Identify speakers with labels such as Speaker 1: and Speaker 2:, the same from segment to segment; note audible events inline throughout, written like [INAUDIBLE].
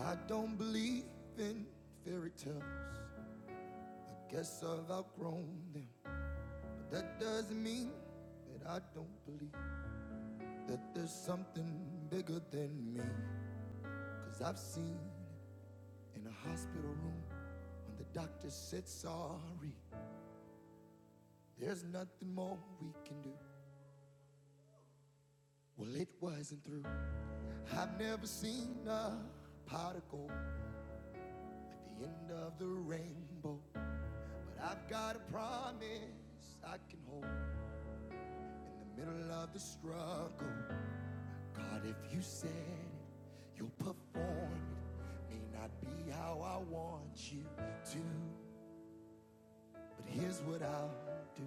Speaker 1: I don't believe in fairy tales. I guess I've outgrown them. But that doesn't mean that I don't believe that there's something bigger than me. Cause I've seen in a hospital room when the doctor said sorry, there's nothing more we can do. Well, it wasn't through. I've never seen a pot of gold at the end of the rainbow. But I've got a promise I can hold in the middle of the struggle. God, if you said it, you'll perform it. May not be how I want you to, but here's what I'll do.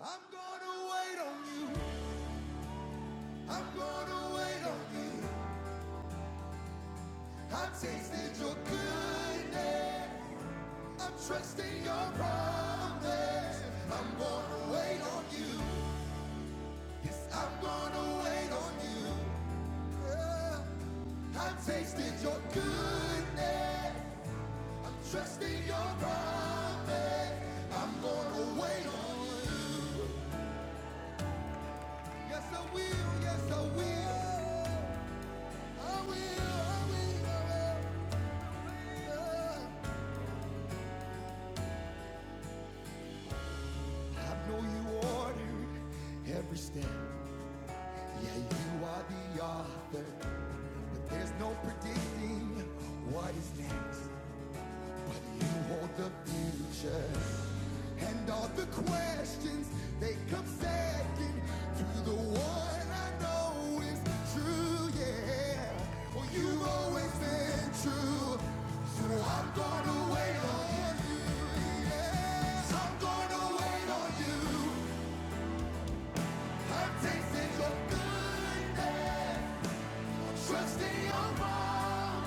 Speaker 1: I'm gonna wait on you. I'm gonna wait on you. I've tasted your goodness. I'm trusting your promise. I'm gonna wait on you. Yes, I'm gonna wait on you. Yeah. I've tasted your goodness. I'm trusting your promise. I'm gonna wait on you. Yes, I will. Yes, I will. I will. I will. I will. Yeah. I know you ordered every step. Yeah, you are the author. But there's no predicting what is next. You want the future and all the questions they come second to the one I know is true. Yeah, well you've always been true, so I'm gonna wait on you. Yeah, I'm gonna wait on you. I'm tasting your goodness, trusting your promise.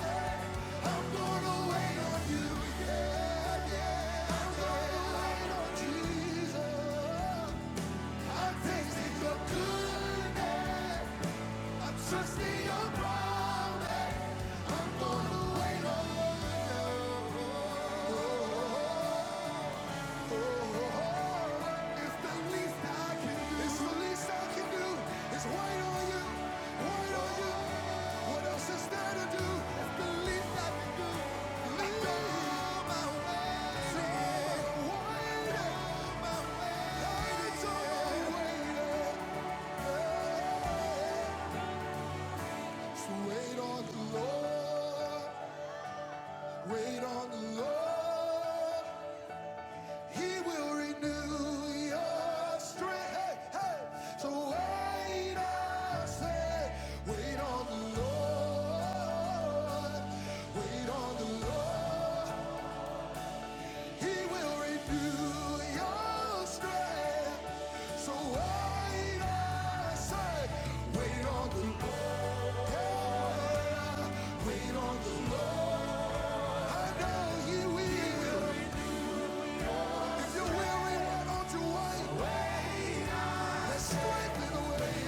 Speaker 1: I'm gonna wait on you, yeah, yeah. I'm gonna wait on Jesus. I'm tasting your goodness. I'm trusting your promise. I'm gonna wait on you. It's the least I can do. It's the least I can do. It's wait on you, wait on you. What else is there to do? It's the least I can do. Lead on my way. Lead on my way. Light is on the So wait on the Lord. Wait on the Lord. He will renew your strength. Hey, hey. So wait, I say, wait on the Lord. Wait on the Lord. He will renew your strength. So wait, I say, wait on the Lord. Hey, wait on the Lord. I know He will. He will. If you're weary, why don't you wait? Wait. Let's strengthen the wait.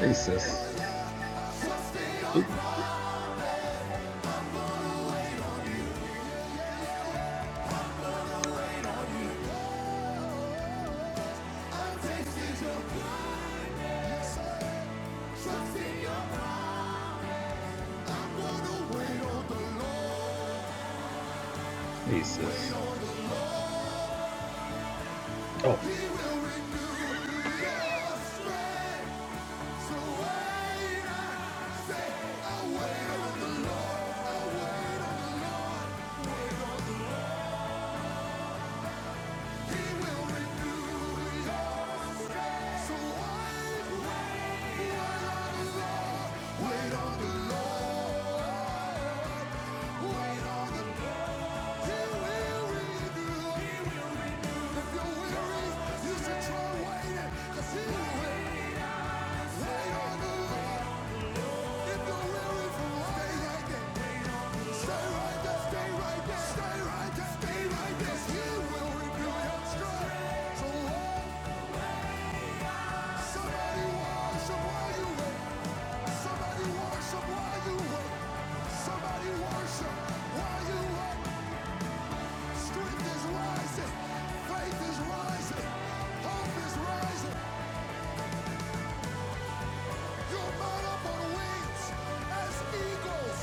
Speaker 1: Jesus. Jesus. Oh. Wait on the Lord. Wait on the He will renew. If you're weary, you should try waiting. 'cause he will. Wait on the Lord. If you're weary from life, stay right there. Stay right there. Stay right there. Stay right there. right he will renew your strength. So Lord, somebody wash Somebody worship while you wait? Somebody worship while you wait? Strength is rising. Faith is rising. Hope is rising. You'll mount up on wings as eagles.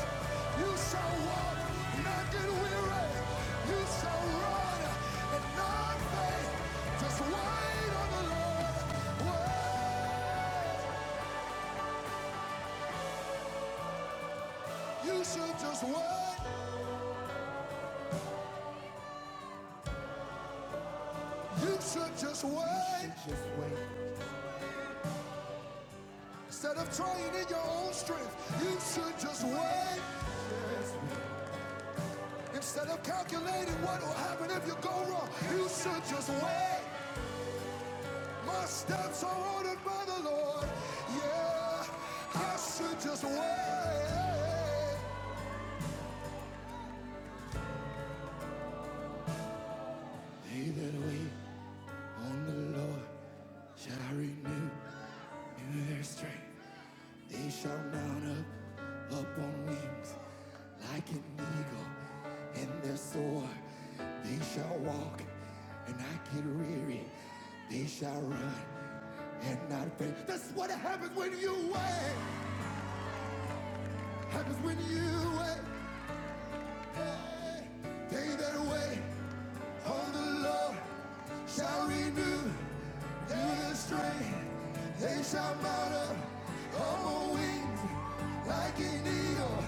Speaker 1: You shall walk, not get weary. You shall run and not faint. Just wait on the Lord. Wait. You should just wait. You should just wait. You should just wait. Instead of trying in your own strength, you should just wait. Instead of calculating what will happen if you go wrong, you should just wait. My steps are ordered by the Lord. Yeah, I should just wait. They that wait on the Lord shall renew their strength. They shall mount up upon wings like an eagle in their soar. They shall walk and not get weary. They shall run and not faint. That's what happens when you wait. Happens when you wait. Hey, they that wait. On the Lord shall renew their strength. They shall mount up on wings like an eagle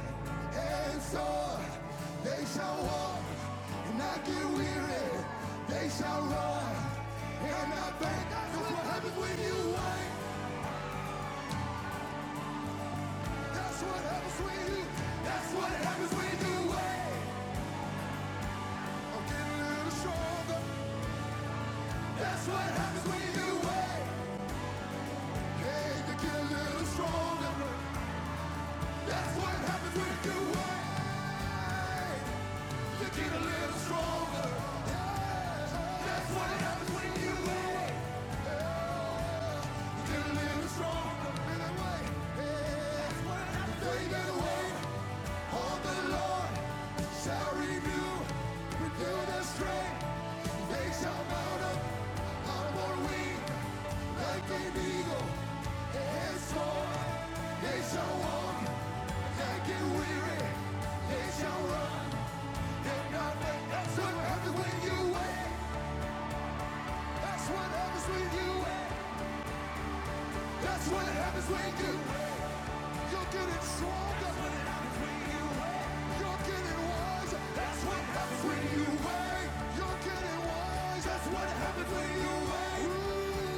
Speaker 1: and soar. They shall walk and not get weary. They shall run and not faint. That's what happens when you wait. That's what happens when you. That's what happens when you wait. I'm getting a little stronger. That's what happens when you wait. Hey, You get a little stronger. That's what happens when you win. You get a little stronger. That's what happens when you win. Get a little stronger. And I wait. What happens when you win? the strength. That's what happens when you win. That's what happens when you win. That's what happens when you. You're getting strong. You're getting wise. You're getting wise. That's what.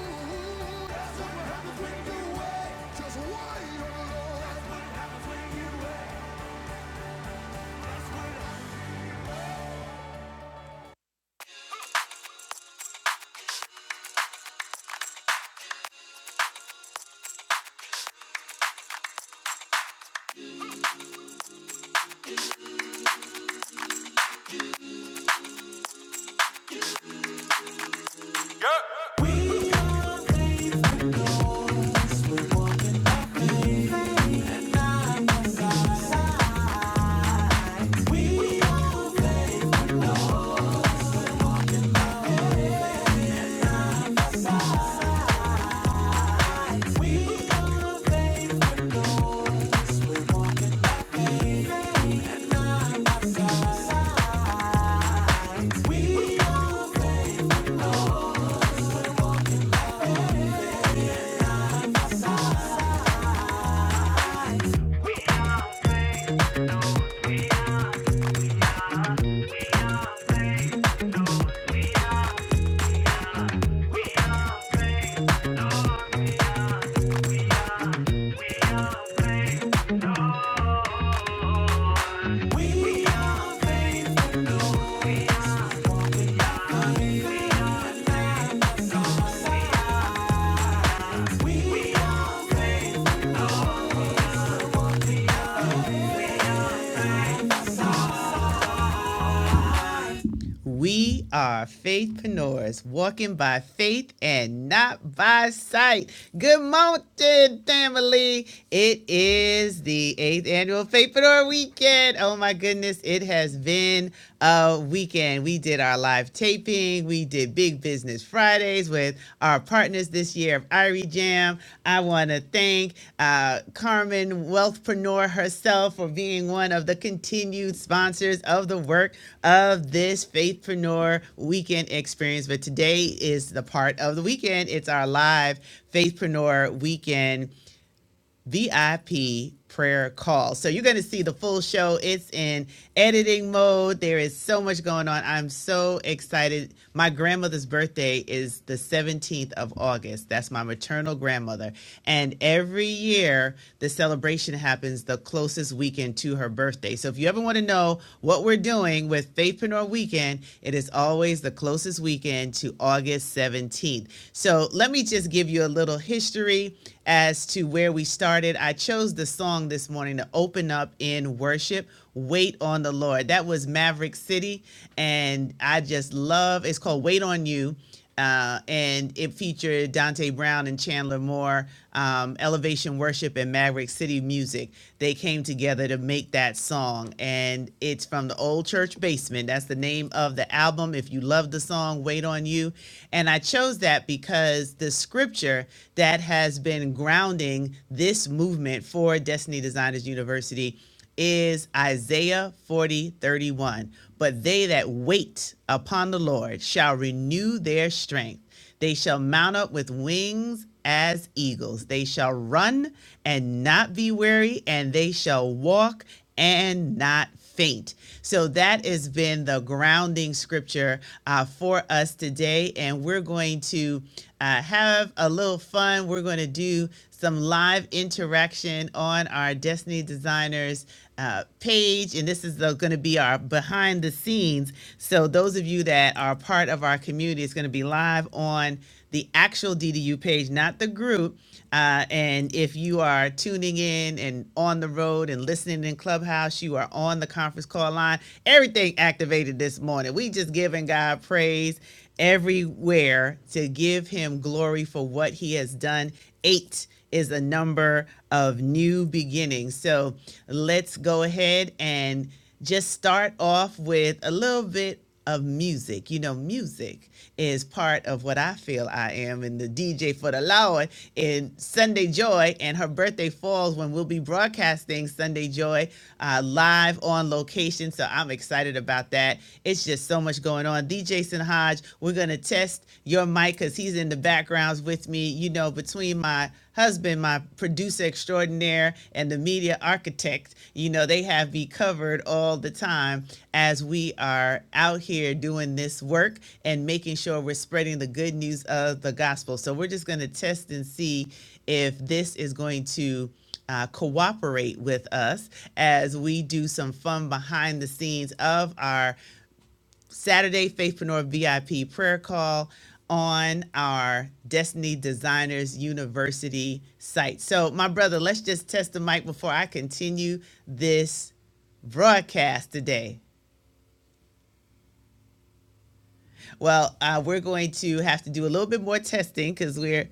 Speaker 1: We are faithpreneurs, walking by faith and not by sight. Good morning, family. It is the eighth annual Faithpreneur Weekend. Oh my goodness, it has been a weekend. We did our live taping. We did Big Business Fridays where with our partners this year of Irie Jam. I want to thank uh, Carmen Wealthpreneur herself for being one of the continued sponsors of the work of this Faithpreneur weekend experience. But today is the part of the weekend. It's our live Faithpreneur weekend VIP prayer call. So you're going to see the full show. It's in editing mode. There is so much going on. I'm so excited. My grandmother's birthday is the 17th of August. That's my maternal grandmother. And every year, the celebration happens the closest weekend to her birthday. So if you ever want to know what we're doing with Faithpreneur Weekend, it is always the closest weekend to August 17th. So let me just give you a little history as to where we started. I chose the song this morning to open up in worship. Wait on the Lord. That was Maverick City, and I just love. It's called Wait on You. Uh, and it featured Dante Brown and Chandler Moore, um, Elevation Worship, and Maverick City Music. They came together to make that song, and it's from the Old Church Basement. That's the name of the album. If you love the song, Wait on You. And I chose that because the scripture future that has been grounding this movement for Destiny Designers University is Isaiah 40:31. But they that wait upon the Lord shall renew their strength. They shall mount up with wings as eagles. They shall run and not be weary, and they shall walk and not faint. So that has been the grounding scripture uh, for us today. And we're going to uh, have a little fun. We're going to do some live interaction on our Destiny Designers uh, page. And this is going to be our behind the scenes. So those of you that are part of our community, it's going to be live on the actual DDU page, not the group. Uh, and if you are tuning in and on the road and listening in Clubhouse, you are on the conference call line. Everything activated this morning. We just giving God praise everywhere to give him glory for what he has done. Eight is a number of new beginnings. So let's go ahead and just start off with a little bit of music. You know, music is part of what I feel I am, and the DJ for the Lord in Sunday Joy, and her birthday falls when we'll be broadcasting Sunday Joy uh, live on location. So I'm excited about that. It's just so much going on. DJ Hodge, we're gonna test your mic because he's in the backgrounds with me. You know, between my husband, my producer extraordinaire and the media architect, you know, they have me covered all the time as we are out here doing this work and making sure we're spreading the good news of the gospel. So we're just going to test and see if this is going to uh, cooperate with us as we do some fun behind the scenes of our Saturday Faithpreneur VIP prayer call on our Destiny Designers University site. So, my brother, let's just test the mic before I continue this broadcast today. Well, uh, we're going to have to do a little bit more testing because we're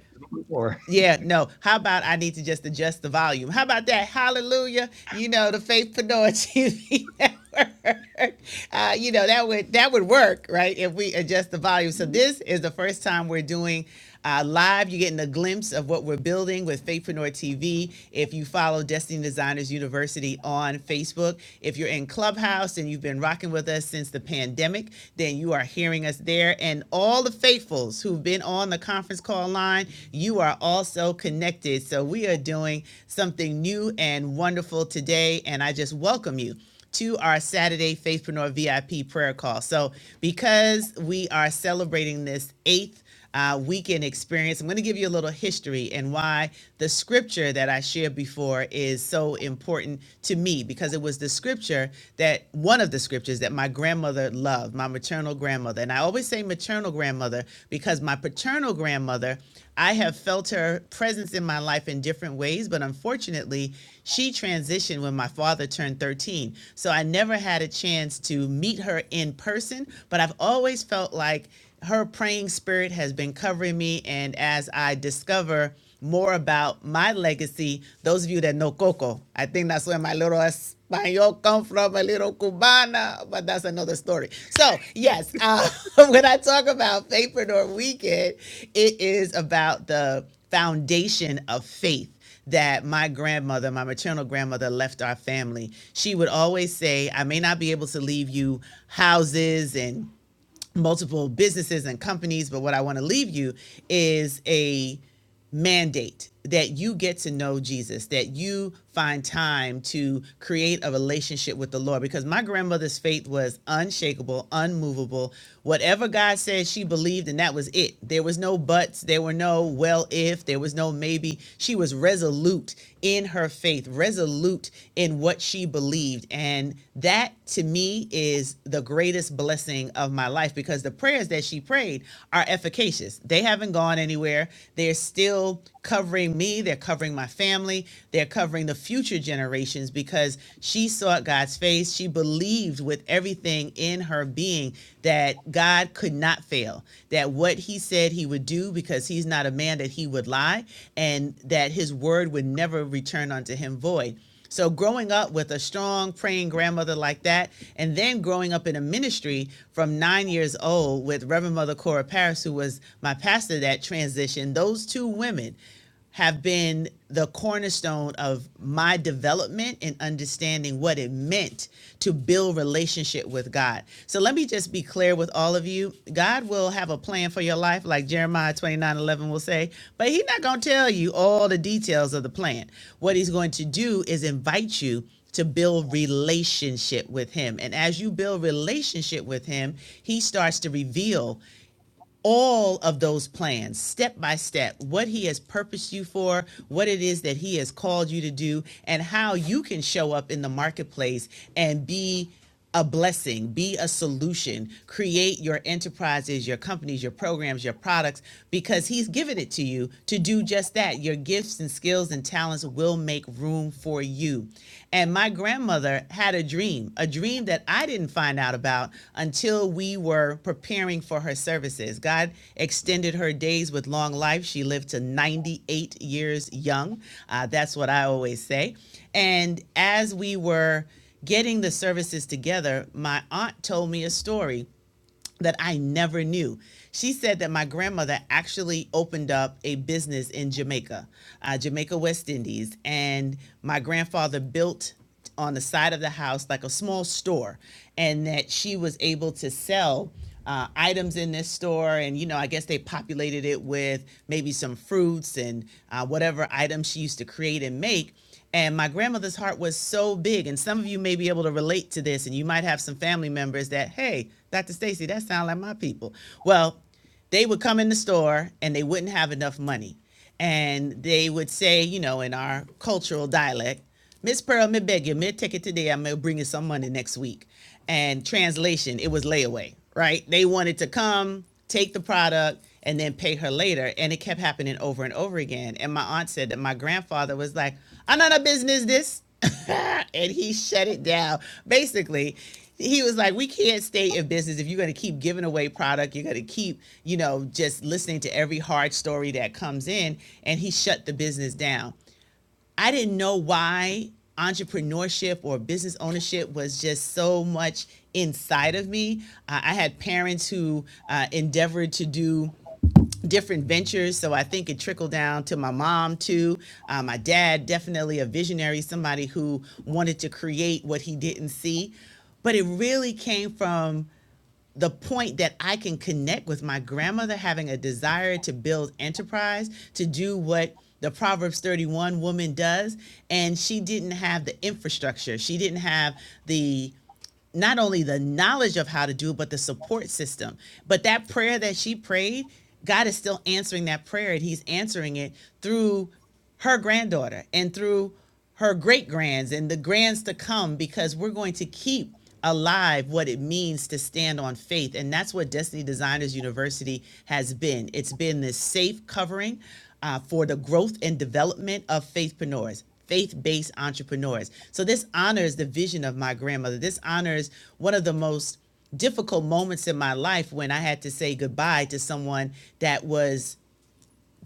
Speaker 1: Or yeah, no. How about I need to just adjust the volume? How about that? Hallelujah. You know, the Faithpreneur TV [LAUGHS] network. Uh, you know, that would that would work, right? If we adjust the volume. So this is the first time we're doing uh, live. You're getting a glimpse of what we're building with Faithpreneur TV. If you follow Destiny Designers University on Facebook, if you're in Clubhouse and you've been rocking with us since the pandemic, then then you are hearing us there. And all the faithfuls who've been on the conference call line, you are also connected. So we are doing something new and wonderful today. And I just welcome you to our Saturday Faithpreneur VIP prayer call. So because we are celebrating this eighth uh, weekend experience. I'm going to give you a little history and why the scripture that I shared before is so important to me because it was the scripture that one of the scriptures that my grandmother loved, my maternal grandmother. And I always say maternal grandmother because my paternal grandmother, I have felt her presence in my life in different ways, but unfortunately, she transitioned when my father turned 13. So I never had a chance to meet her in person, but I've always felt like her praying spirit has been covering me. And as I discover more about my legacy, those of you that know Coco, I think that's where my little Espanol come from, a little Cubana, but that's another story. So yes, uh, [LAUGHS] when I talk about Faithpreneur Weekend, it is about the foundation of faith that my grandmother, my maternal grandmother, left our family. She would always say, I may not be able to leave you houses and multiple businesses and companies. But what I want to leave you is a mandate that you get to know Jesus, that you find time to create a relationship with the Lord. Because my grandmother's faith was unshakable, unmovable. Whatever God said, she believed, and that was it. There was no buts, there were no well if, there was no maybe. She was resolute in her faith, resolute in what she believed. And that to me is the greatest blessing of my life because the prayers that she prayed are efficacious. They haven't gone anywhere anywhere. They're still covering me, they're covering my family, they're covering the future generations because she sought God's face. She believed with everything in her being that God could not fail, that what he said he would do, because he's not a man that he would lie, and that his word would never return unto him void. So growing up with a strong praying grandmother like that, and then growing up in a ministry from nine years old with Reverend Mother Cora Paris, who was my pastor that transition, those two women have been the cornerstone of my development and understanding what it meant to build relationships relationship with God. So let me just be clear with all of you. God will have a plan for your life, like Jeremiah 29:11 will say, but He's not going to tell you all the details of the plan. What He's going to do is invite you to build relationship with him and as you build relationship with him he starts to reveal all of those plans step by step what he has purposed you for what it is that he has called you to do and how you can show up in the marketplace and be a blessing be a solution create your enterprises your companies your programs your products because he's given it to you to do just that your gifts and skills and talents will make room room for you. And my grandmother had a dream, a dream that I didn't find out about until we were preparing for her services. God extended her days with long life. She lived to 98 years young. Uh, that's what I always say. And as we were getting the services together, my aunt told me a story that I never knew. She said that my grandmother actually opened up a business in Jamaica, uh, Jamaica West Indies, and my grandfather built on the side of the house like a small store, and that she was able to sell. Uh, items in this store, and you know, I guess they populated it with maybe some fruits and uh, whatever items she used to create and make. And my grandmother's heart was so big. And some of you may be able to relate to this, and you might have some family members that, hey, Dr. Stacy, that sounds like my people. Well, they would come in the store and they wouldn't have enough money. And they would say, you know, in our cultural dialect, Miss Pearl, me beg you, me take it today. I'm gonna bring you some money next week. And translation, it was layaway, right? They wanted to come, take the product, and then pay her later. And it kept happening over and over again. And my aunt said that my grandfather was like, I'm not a business this. [LAUGHS] and he shut it down. Basically, he was like, We can't stay in business if you're gonna keep giving away product, you're gonna keep, you know, just listening to every hard story that comes in. And he shut the business down. I didn't know why entrepreneurship or business ownership was just so much inside of me. Uh, I had parents who uh, endeavored to do different ventures, so I think it trickled down to my mom too. Uh, my dad, definitely a visionary, somebody who wanted to create what he didn't see. But it really came from the point that I can connect with my grandmother having a desire to build enterprise, to do what the Proverbs 31 woman does. And she didn't have the infrastructure, she didn't have the not only the knowledge of how to do it, but the support system. But that prayer that she prayed, God is still answering that prayer, and He's answering it through her granddaughter and through her great grands and the grands to come, because we're going to keep alive what it means to stand on faith. And that's what Destiny Designers University has been. It's been this safe covering uh, for the growth and development of faithpreneurs, faith-based entrepreneurs. So this honors the vision of my grandmother. This honors one of the most difficult moments in my life when I had to say goodbye to someone that was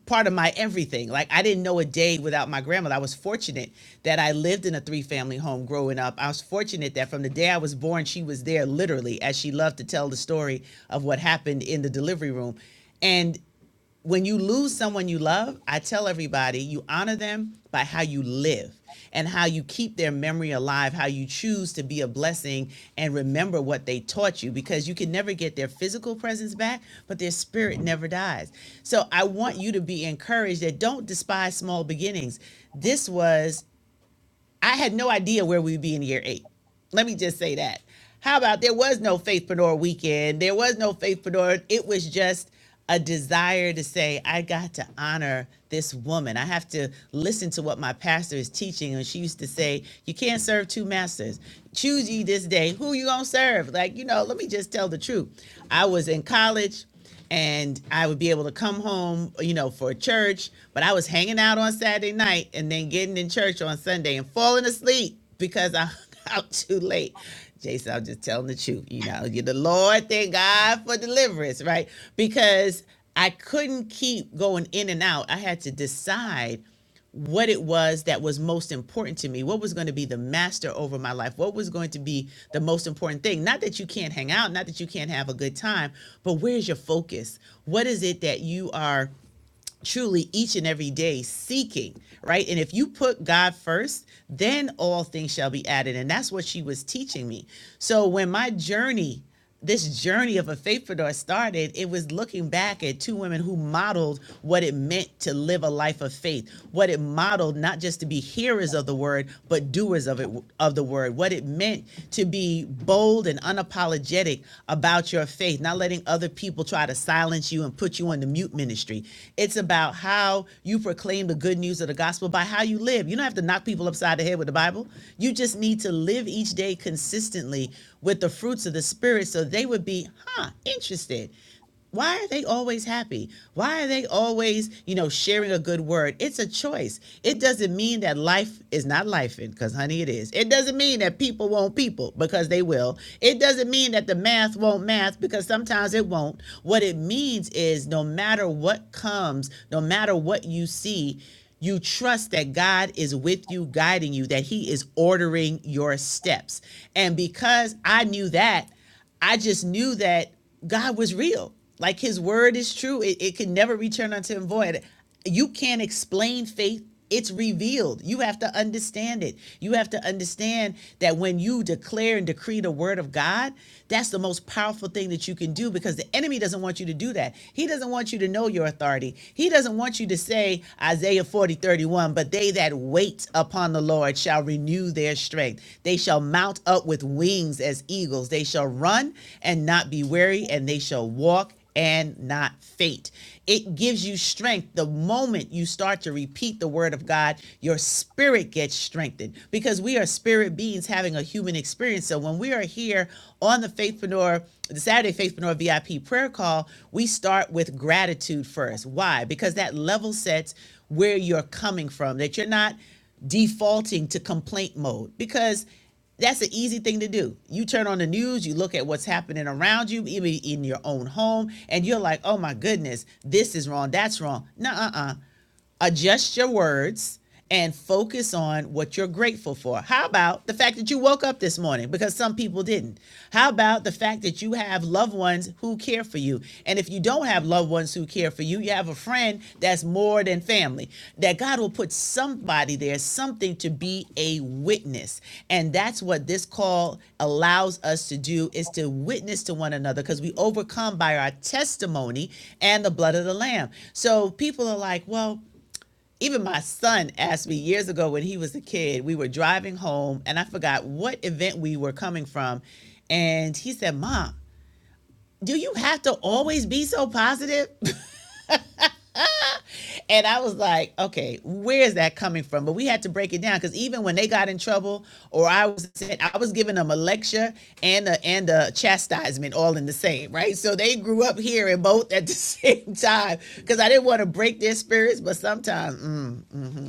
Speaker 1: part of my everything. Like I didn't know a day without my grandmother. I was fortunate that I lived in a three-family home growing up. I was fortunate that from the day I was born, she was there literally, as she loved to tell the story of what happened in the delivery room. And when you lose someone you love, I tell everybody you honor them by how you live and how you keep their memory alive, how you choose to be a blessing and remember what they taught you because you can never get their physical presence back, but their spirit never dies. So I want you to be encouraged that don't despise small beginnings. This was I had no idea where we'd be in year eight. Let me just say that. How about there was no Faithpreneur weekend? There was no Faithpreneur. It was just a desire to say, I got to honor this woman. I have to listen to what my pastor is teaching. And she used to say, You can't serve two masters. Choose ye this day who you gonna serve. Like, you know, let me just tell the truth. I was in college and I would be able to come home, you know, for church. But I was hanging out on Saturday night and then getting in church on Sunday and falling asleep because I hung [LAUGHS] out too late. Jason, I'm just telling the truth. You know, you the Lord, thank God for deliverance, right? Because I couldn't keep going in and out. I had to decide what it was that was most important to me, what was going to be the master over my life, what was going to be the most important thing. Not that you can't hang out, not that you can't have a good time, but where's your focus? What is it that you are? truly each and every day seeking, right? And if you put God first, then all things shall be added. And that's what she was teaching me. So when my journey, this journey of a faithpreneur started, it was looking back at two women who modeled what it meant to live a life of faith, what it modeled not just to be hearers of the word, but doers of it of the word, what it meant to be bold and unapologetic about your faith, not letting other people try to to silence you and put you on the mute ministry. It's about how you proclaim the good news of the gospel by how you live. You don't have to knock people upside the head with the Bible. You just need to live each day consistently with the fruits of the Spirit so they would be, huh, interested why are they always happy? Why are they always, you know, sharing a good word? It's a choice. It doesn't mean that life is not life, because honey, it is. It doesn't mean that people won't people, because they will. It doesn't mean that the that the math won't math because sometimes it won't. What it means is no matter what comes, no matter what you see, you trust that God is with you, guiding you, that He is ordering your steps. And because I knew that, I just knew that God was real. Like His word is true, it, it can never return unto Him void. You can't explain faith it's revealed. You have to understand it. You have to understand that when you declare and decree the word of God, that's the most powerful thing that you can do because the enemy doesn't want you to do that. He doesn't want you to know your authority. He doesn't want you to say Isaiah 40 31. but they that wait upon the Lord shall renew their strength. They shall mount up with wings as eagles. They shall run and not be weary, and they shall walk and not fate. It gives you strength the moment you start to repeat the word of God, your spirit gets strengthened because we are spirit beings having a human experience. So when we are here on the Faithpreneur, the Saturday Faithpreneur VIP prayer call, we start with gratitude first. Why? Because that level sets where you're coming from, that you're not defaulting to complaint mode because that's an easy thing to do. You turn on the news, you look at what's happening around you, even in your own home, and you're like, oh my goodness, this is wrong, that's wrong. Nuh uh uh adjust your words and focus on what you're grateful for. How about the fact that you woke up this morning because some people didn't? How about the fact that you have loved ones who care for you? And if you don't have loved ones who care for you, you have a friend that's more than family. That God will put somebody there, something to be a witness. And that's what this call allows us to do is to witness to one another because we overcome by our testimony and the blood of the lamb. So people are like, "Well, even my son asked me years ago when he was a kid, we were driving home and I forgot what event we were coming from. And he said, Mom, do you have to always be so positive? [LAUGHS] And I was like, okay, where's that coming from? But we had to break it down because even when they got in trouble, or I was I was giving them a lecture and a and a chastisement all in the same, right? So they grew up hearing both at the [LAUGHS] same time because I didn't want to break their spirits, but sometimes mm,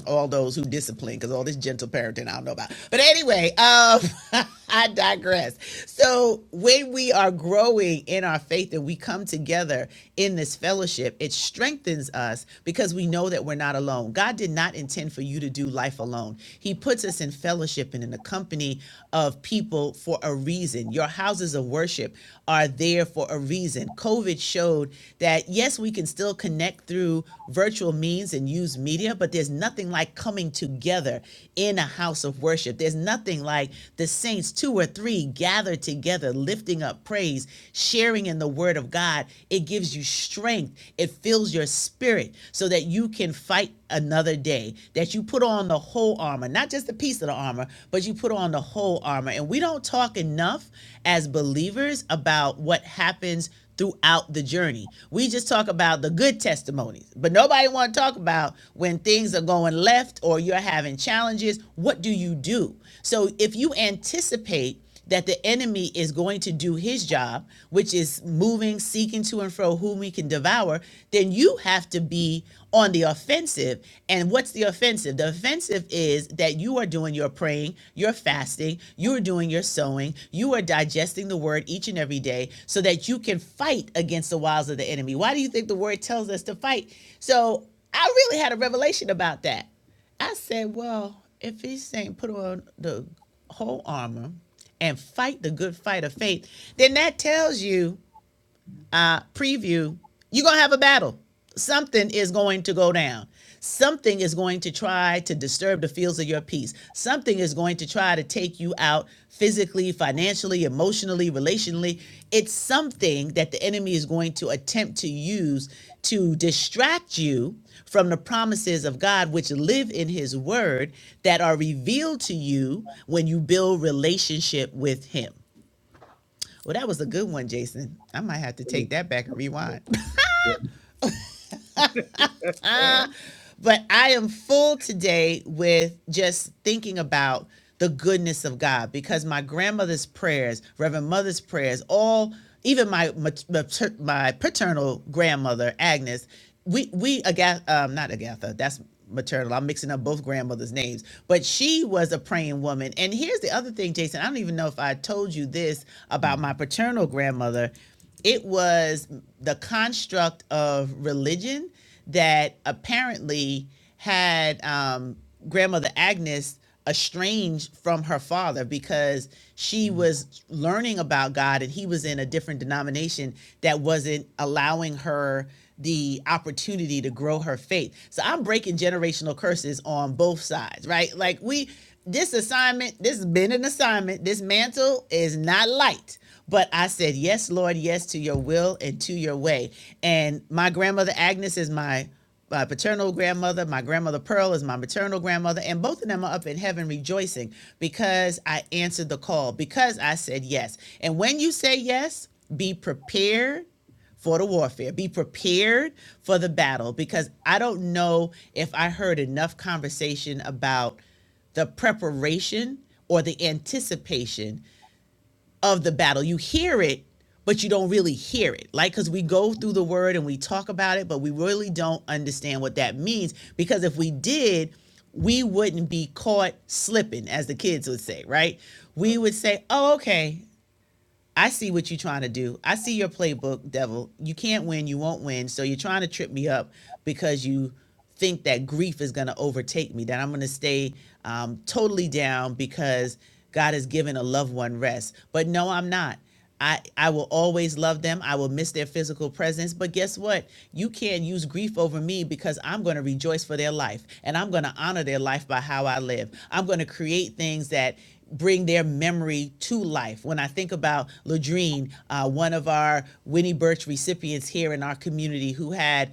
Speaker 1: all those who discipline, because all this gentle parenting I don't know about. But anyway, um, [LAUGHS] I digress. So when we are growing in our faith and we come together in this fellowship, it strengthens us because we know that we're not alone. God did not intend for you to do life alone. He puts us in fellowship and in the company of people for a reason. Your houses of worship are there for a reason. COVID showed that yes, we can still connect through virtual means and use media, but there's nothing like coming together in a house of worship. There's nothing like the saints, two or three, gathered together, lifting up praise, sharing in the word of God. It gives you strength, it fills your spirit so that you can fight another day, that you put on the whole armor, not just a piece of the armor, but you put on the whole armor. And we don't talk enough as believers about what happens throughout the journey. We just talk about the good testimonies, but nobody want to talk about when things are going left or you're having challenges, what do you do? So if you anticipate that the enemy is going to do his job, which is moving, seeking to and fro whom we can devour, then you have to be on the offensive. And what's the offensive? The offensive is that you are doing your praying, your fasting, you are doing your sowing, you are digesting the word each and every day so that you can fight against the wiles of the enemy. Why do you think the word tells us to fight? So I really had a revelation about that. I said, well, if he's saying put on the whole armor and fight the good fight of faith, then that tells you uh, preview, you're going to have a battle. Something is going to go down. Something is going to try to disturb the fields of your peace. Something is going to try to take you out physically, financially, emotionally, relationally. It's something that the enemy is going to attempt to use to distract you from the promises of God, which live in His Word that are revealed to you when you build relationship with Him. Well, that was a good one, Jason. I might have to take that back and rewind. [LAUGHS] Uh, But I am full today with just thinking about the goodness of God because my grandmother's prayers, Reverend Mother's prayers, all even my mat- my paternal grandmother Agnes, we we Agatha, um, not Agatha, that's maternal. I'm mixing up both grandmothers' names, but she was a praying woman. And here's the other thing, Jason. I don't even know if I told you this about my paternal grandmother. It was the construct of religion that apparently had um, grandmother Agnes estranged from her father because she was learning about God and he was in a different denomination that wasn't allowing her the opportunity to grow her faith. So I'm breaking generational curses on both sides, right? Like we this assignment, this has been an assignment. This mantle is not light. But I said, Yes, Lord, yes to your will and to your way. And my grandmother Agnes is my my paternal grandmother, my grandmother Pearl is my maternal grandmother, and both of them are up in heaven rejoicing because I answered the call, because I said yes. And when you say yes, be prepared for the warfare. Be prepared for the battle because I don't know if I heard enough conversation about the preparation or the anticipation of the battle. You hear it, but you don't really hear it. Like, because we go through the word and we talk about it, but we really don't understand what that means. Because if we did, we wouldn't be caught slipping, as the kids would say, right? We would say, oh, okay, I see what you're trying to do. I see your playbook, devil. You can't win, you won't win. So you're trying to trip me up because you think that grief is going to overtake me, that I'm going to stay um, totally down because God has given a loved one rest. But no, I'm not. I, I will always love them. I will miss their physical presence. But guess what? You can't use grief over me because I'm going to rejoice for their life and I'm going to honor their life by how I live. I'm going to create things that bring their memory to life. When I think about Ladrine, uh, one of our Winnie Birch recipients here in our community who had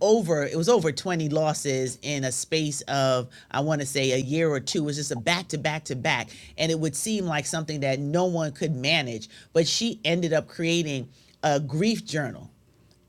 Speaker 1: over it was over 20 losses in a space of i want to say a year or two it was just a back to back to back and it would seem like something that no one could manage but she ended up creating a grief journal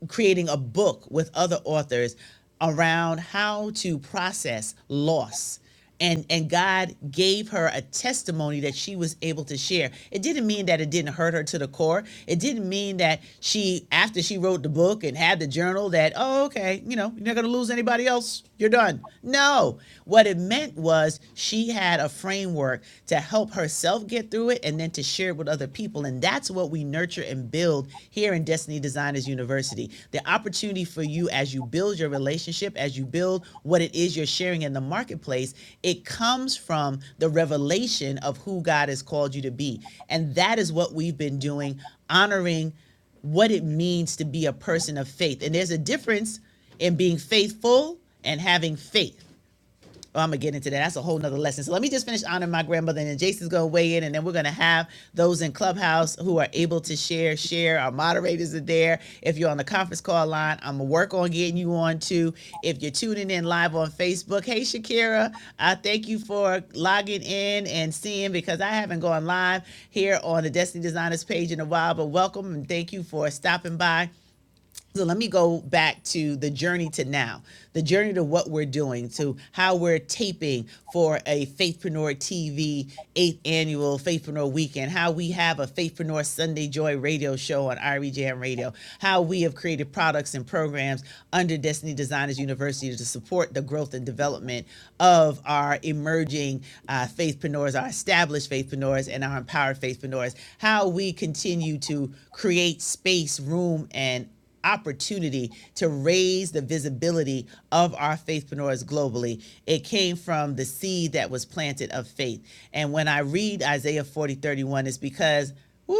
Speaker 1: creating a book with other authors around how to process loss. And, and God gave her a testimony that she was able to share. It didn't mean that it didn't hurt her to the core. It didn't mean that she, after she wrote the book and had the journal, that, oh, okay, you know, you're not gonna lose anybody else. You're done. No. What it meant was she had a framework to help herself get through it it and then to share it with other people. And that's what we nurture and build here in Destiny Designers University. The opportunity for you as you build your relationship, as you build what it is you're sharing in the marketplace, it comes from the revelation of who God has called you to be. And that is what we've been doing, honoring what it means to be a person of faith. And there's a difference in being faithful and having faith. Oh, I'm gonna get into that. That's a whole nother lesson. So let me just finish honoring my grandmother, and then Jason's gonna weigh in, and then we're gonna have those in Clubhouse who are able to share. Share. Our moderators are there. If you're on the conference call line, I'm gonna work on getting you on too. If you're tuning in live on Facebook, hey Shakira, I thank you for logging in and seeing because I haven't gone live here on the Destiny Designers page in a while. But welcome and thank you for stopping by. So let me go back to the journey to now, the journey to what we're doing, to how we're taping for a Faithpreneur TV eighth annual Faithpreneur weekend, how we have a Faithpreneur Sunday Joy radio show on REJM Radio, how we have created products and programs under Destiny Designers University to support the growth and development of our emerging uh, faithpreneurs, our established faithpreneurs, and our empowered faithpreneurs, how we continue to create space, room, and opportunity to raise the visibility of our faithpreneurs globally. It came from the seed that was planted of faith. And when I read Isaiah 40 31, it's because, woo,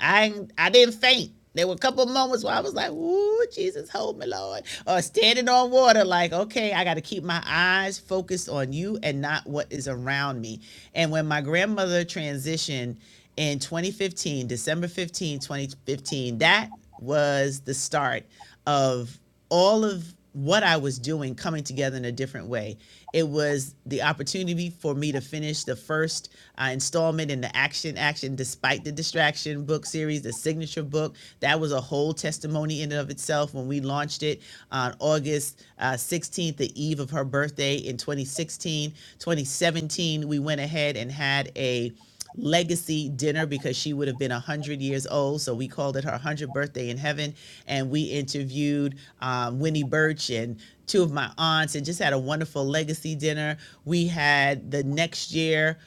Speaker 1: I, I didn't faint. There were a couple of moments where I was like, ooh, Jesus, hold me, Lord. Or standing on water, like, okay, I got to keep my eyes focused on you and not what is around me. And when my grandmother transitioned in 2015, December fifteenth, twenty 15, 2015, that was the start of all of what I was doing coming together in a different way. It was the opportunity for me to finish the first uh, installment in the Action Action Despite the Distraction book series, the signature book. That was a whole testimony in and of itself when we launched it on August uh, 16th, the eve of her birthday in 2016. 2017, we went ahead and had a legacy dinner because she would have been 100 years old. So we called it her 100th birthday in heaven. And we interviewed um, Winnie Birch and two of my aunts and just had a wonderful legacy dinner. We had the next year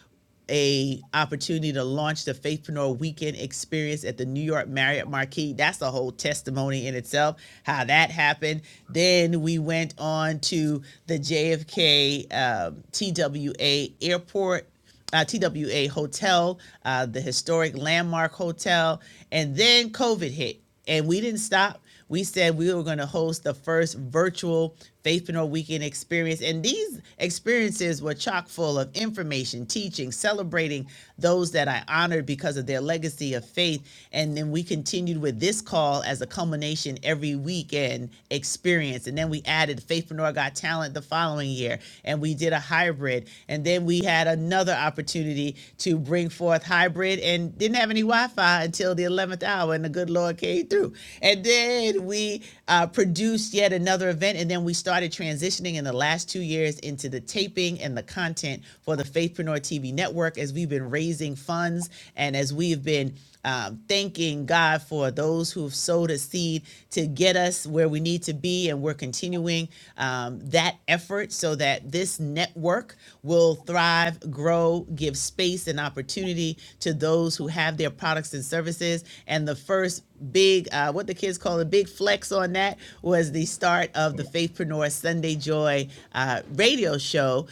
Speaker 1: a opportunity to launch the Faithpreneur Weekend Experience at the New York Marriott Marquis. That's a whole testimony in itself, how that happened. Then we went on to the JFK um, TWA Airport uh, TWA Hotel, uh, the historic landmark hotel. And then COVID hit, and we didn't stop. We said we were going to host the first virtual Faithpreneur Weekend experience. And these experiences were chock full of information, teaching, celebrating those that I honored because of their legacy of faith. And then we continued with this call as a culmination every week weekend experience. And then we added Faithpreneur Got Talent the following year, and we did a hybrid. And then we had another opportunity to bring forth hybrid and didn't have any Wi Fi until the 11th hour, and the good Lord came through. And then we uh, produced yet another event, and then we started transitioning in the last two years into the taping and the content for the Faithpreneur TV network Network, as we've been raising funds and as we've been um, thanking God for those who've sowed a seed to get us where we need to be. And we're continuing um, that effort so that this network will thrive, grow, give space and opportunity to those who have their products and services. And the first big, uh, what the kids call a big flex on that was the start of the Faithpreneur Sunday Joy uh, radio show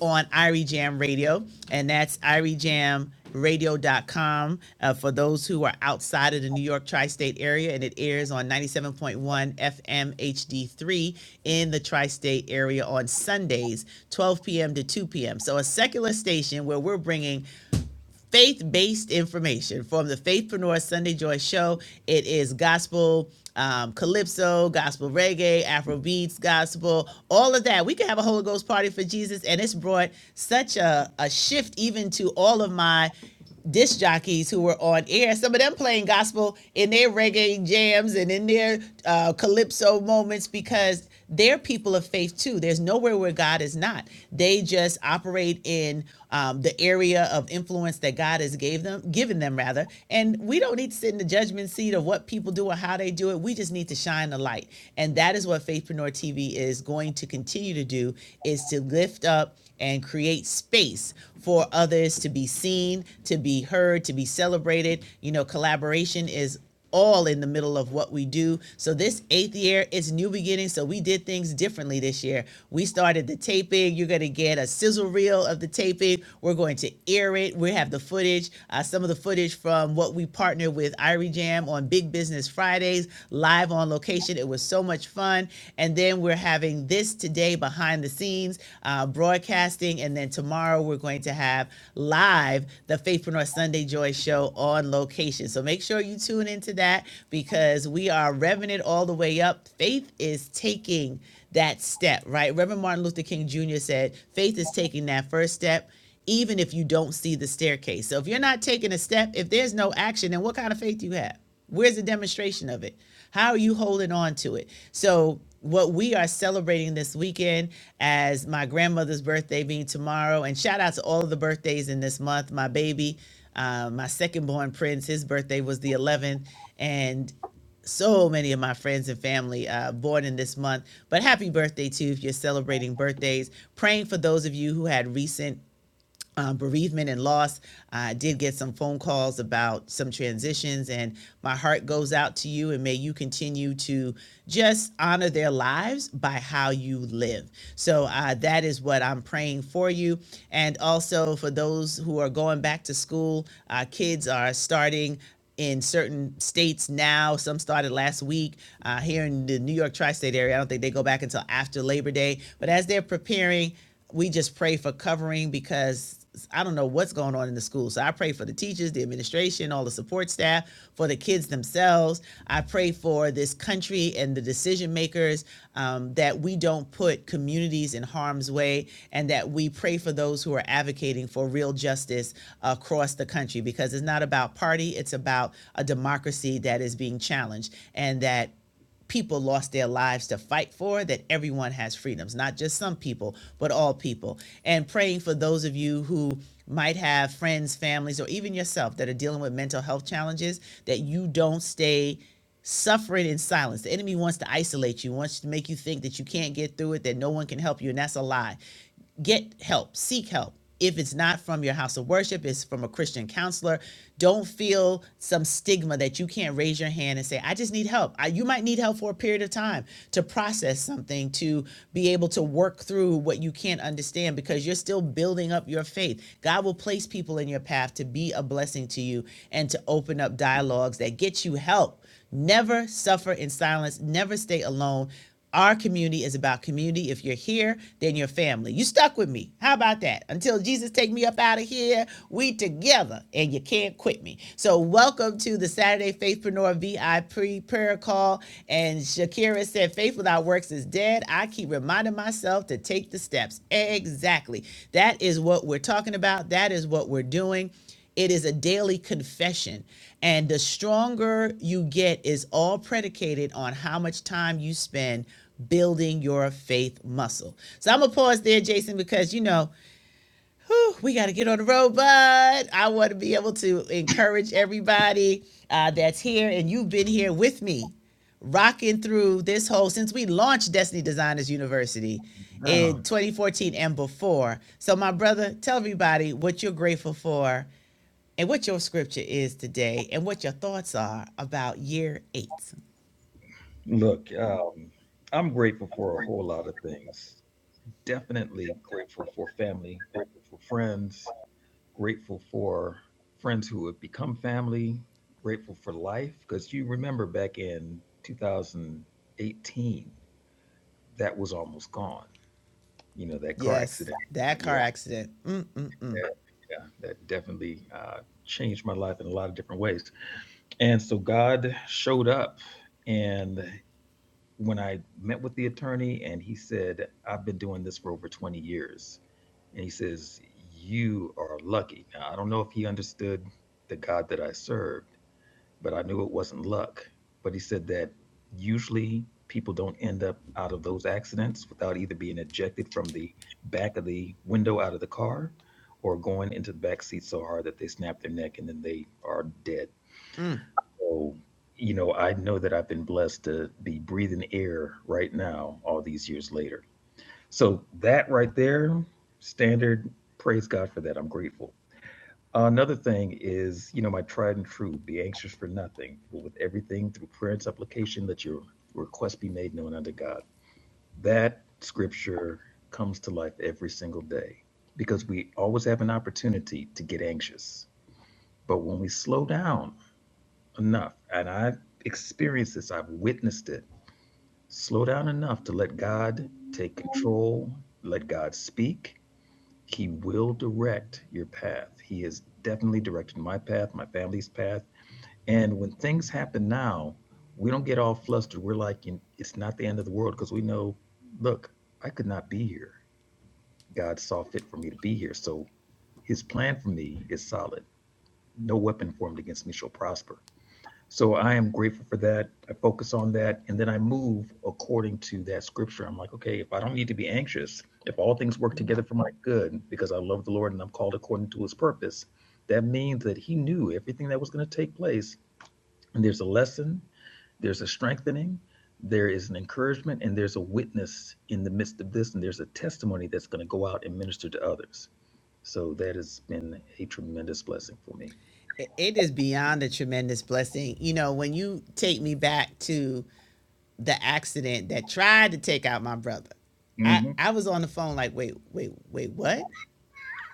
Speaker 1: on Irie Jam Radio, and that's iriejamradio.com uh, for those who are outside of the New York tri state area. And it airs on 97.1 FM HD3 in the tri state area on Sundays, 12 p.m. to 2 p.m. So, a secular station where we're bringing faith based information from the Faithpreneur Sunday Joy Show. It is gospel. Um, calypso, gospel reggae, Afro beats, gospel, all of that. We can have a Holy Ghost party for Jesus, and it's brought such a, a shift even to all of my disc jockeys who were on air. Some of them playing gospel in their reggae jams and in their uh, calypso moments because they're people of faith too. There's nowhere where God is not. They just operate in um, the area of influence that God has gave them, given them rather. And we don't need to sit in the judgment seat of what people do or how they do it. We just need to shine the light, and that is what Faithpreneur TV is going to continue to do: is to lift up and create space for others to be seen, to be heard, to be celebrated. You know, collaboration is all in the middle of what we do. So this eighth year, it's new beginnings. So we did things differently this year. We started the taping. You're going to get a sizzle reel of the taping. We're going to air it. We have the footage, uh, some of the footage from what we partner with Irie Jam on Big Business. Business Fridays live on location. It was so much fun. And then we're having this today behind the scenes uh, broadcasting. And then tomorrow we're going to have live the Faithpreneur Sunday Joy Show on location. So make sure you tune into that because we are revving it all the way up. Faith is taking that step, right? Reverend Martin Luther King Jr. said, faith is taking that first step even if you don't see the staircase. So if you're not taking a step, if there's no action, then what kind of faith do you have? Where's the demonstration of it? How are you holding on to it? So what we are celebrating this weekend as my grandmother's birthday being tomorrow and shout out to all of the birthdays in this month my baby uh, my second born prince his birthday was the 11th and so many of my friends and family uh, born in this month. But happy birthday too if you're celebrating birthdays. Praying for those of you who had recent uh, bereavement and loss. I did get some phone calls about some transitions, and my heart goes out to you. And may you continue to just honor their lives by how you live. So uh, that is what I'm praying for you. And also for those who are going back to school, uh, kids are starting in certain states now. Some started last week uh, here in the New York tri state area. I don't think they go back until after Labor Day. But as they're preparing, we just pray for covering because I don't know what's going on in the school. So I pray for the teachers, the administration, all the support staff, for the kids themselves. I pray for this country and the decision makers um, that we don't put communities in harm's way and that we pray for those who are advocating for real justice across the country because it's not about party, it's about a democracy that is being challenged and that people lost their lives to fight for, that everyone has freedoms, not just some people, but all people. And praying for those of you who might have friends, families, or even yourself that are dealing with mental health challenges, that you don't stay suffering in silence. The enemy wants to isolate you, wants to make you think that you can't get through it, that no one can help you, and that's a lie get help, seek help. If it's not from your house of worship, it's from a Christian counselor. Don't feel some stigma that you can't raise your hand and say, I just need help. I, you might need help for a period of time to process something, to be able to work through what you can't understand because you're still building up your faith. God will place people in your path to be a blessing to you and to open up dialogues that get you help Never suffer in silence, never stay alone. Our community is about community. If you're here, then you're family. You stuck with me. How about that? Until Jesus take me up out of here, we together, and you can't quit me. So welcome to the Saturday Faithpreneur VIP prayer call. And Shakira said, "Faith without works is dead." I keep reminding myself to take the steps. Exactly. That is what we're talking about. That is what we're doing. It is a daily confession. And the stronger you get is all predicated on how much time you spend building your faith muscle. So I'm going to pause there, Jason, because, you know, whew, we got to get on the road, bud. I want to be able to encourage everybody uh, that's here, and you've been here with me rocking through this whole since we launched Destiny Designers University in Wow. 2014 and before. So, my brother, tell everybody what you're grateful for and what your scripture is today and what your thoughts are about year eight. Look, um, I'm grateful for a whole lot of things. Definitely grateful for family, grateful for friends, grateful for friends who have become family, grateful for life. Because you remember back in 2018, that was almost gone. You know, that car yes, accident. that car Yeah. accident. Mm-mm-mm. Yeah, yeah, that definitely uh, changed my life in a lot of different ways. And so God showed up. And when I met with the attorney, and he said, I've been doing this for over 20 years. And he says, You are lucky. Now, I don't know if he understood the God that I serve, but I knew it wasn't luck. But he said that usually people don't end up out of those accidents without either being ejected from the back of the window out of the car or going into the back seat so hard that they snap their neck and then they are dead. Mm. So, you know, I know that I've been blessed to be breathing air right now, all these years later. So, that right there, standard, praise God for that. I'm grateful. Uh, Another thing is, you know, my tried and true, be anxious for nothing, but with everything through prayer and supplication, that your request be made known unto God. That scripture comes to life every single day because we always have an opportunity to get anxious. But when we slow down enough, and I've experienced this, I've witnessed it, slow down enough to let God take control, let God speak, He will direct your path. He has definitely directed my path, my family's path and when things happen now, we don't get all flustered. We're like, it's not the end of the world because we know, look, I could not be here. God saw fit for me to be here. So his plan for me is solid. No weapon formed against me shall prosper. So I am grateful for that. I focus on that and then I move according to that scripture. I'm like, okay, if I don't need to be anxious, if all things work together for my good because I love the Lord and I'm called according to his purpose, that means that he knew everything that was going to take place. And there's a lesson there's a strengthening, there is an encouragement, and there's a witness in the midst of this, and there's a testimony that's going to go out and minister to others. So that has been a tremendous blessing for me. It it is beyond a tremendous blessing. You know, when you take me back to the accident that tried to take out my brother, I, hmm I was on the phone like, wait, wait, wait, what?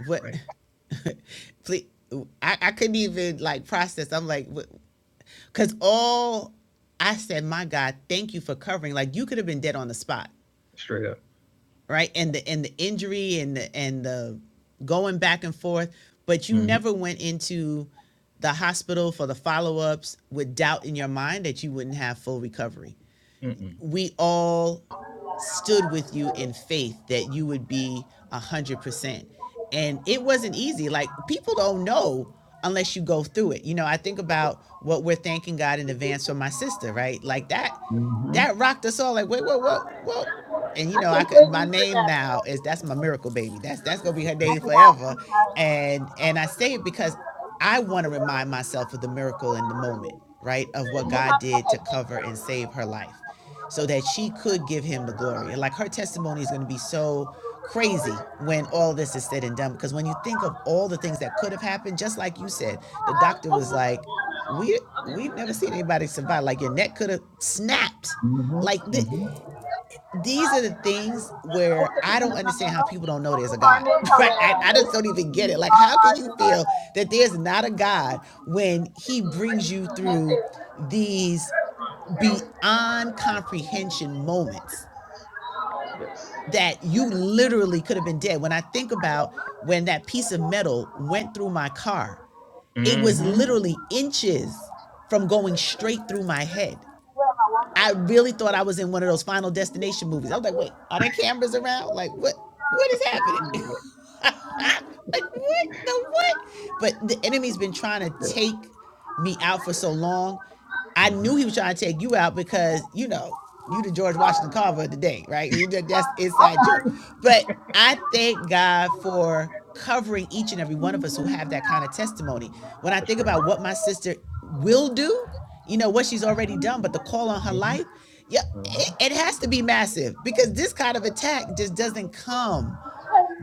Speaker 1: What? Right. [LAUGHS] Please, I, I couldn't even like process. I'm like, what? Cause all I said, my God, thank you for covering. Like you could have been dead on the spot, Straight up. right? And the and the injury and the and the going back and forth, but you hmm never went into the hospital for the follow-ups with doubt in your mind that you wouldn't have full recovery. Mm-mm. We all stood with you in faith that you would be a hundred percent. And it wasn't easy. Like people don't know unless you go through it. You know, I think about what we're thanking God in advance for my sister, right? Like that, Mhm. that rocked us all. Like, wait, whoa, whoa, whoa. And you
Speaker 2: I
Speaker 1: know, I could my
Speaker 2: completely
Speaker 1: name
Speaker 2: forgot.
Speaker 1: now is that's my miracle baby. That's that's gonna be her
Speaker 2: I
Speaker 1: name
Speaker 2: forgot.
Speaker 1: forever.
Speaker 2: I'm sorry.
Speaker 1: And and I say it because I want to remind myself of the miracle in the moment, right? Of what
Speaker 2: No
Speaker 1: God did
Speaker 2: Okay,
Speaker 1: to
Speaker 2: thank
Speaker 1: cover
Speaker 2: you.
Speaker 1: and save her life so that she could give him the glory. And, Like her testimony is going to be so crazy when all this is said and done. Because when you think of all the things that could have happened, just like you said, the
Speaker 2: Uh,
Speaker 1: doctor
Speaker 2: let's
Speaker 1: was like, "We we've never seen anybody survive. Like your neck could have snapped. Mhm, Like th- mhm. these are the things
Speaker 2: let's
Speaker 1: where
Speaker 2: get
Speaker 1: I
Speaker 2: to the
Speaker 1: don't
Speaker 2: front
Speaker 1: understand
Speaker 2: end.
Speaker 1: how people don't know there's a God.
Speaker 2: Carmen
Speaker 1: [LAUGHS] Right? I,
Speaker 2: Herrera.
Speaker 1: I just don't even get it. Like how can you feel
Speaker 2: H-E-R-R-E-R-A.
Speaker 1: that there's not a God when He brings you
Speaker 2: That's
Speaker 1: through?"
Speaker 2: it.
Speaker 1: these beyond comprehension moments Yes. that you literally could have been dead. When I think about when that piece of metal went through my car, it was Mm-hmm. literally inches from going straight through my head.
Speaker 2: Where am I walking?
Speaker 1: I really thought I was in one of those Final Destination movies. I was like, wait, are there cameras around? Like, what? What is happening? [LAUGHS] [LAUGHS] like what the what? But the enemy's been trying to Yeah. take me out for so long. I knew he was trying to take you out because you know you the George
Speaker 2: Okay.
Speaker 1: Washington Carver of the day, right? You just, that's
Speaker 2: All
Speaker 1: inside joke.
Speaker 2: right.
Speaker 1: But I thank God for covering each and every one of us who have that kind of testimony. When I That's think right. about what my sister will do, you know what she's already done, but the call on her hmm life, yeah, hmm it, it has to be massive because this kind of attack just doesn't come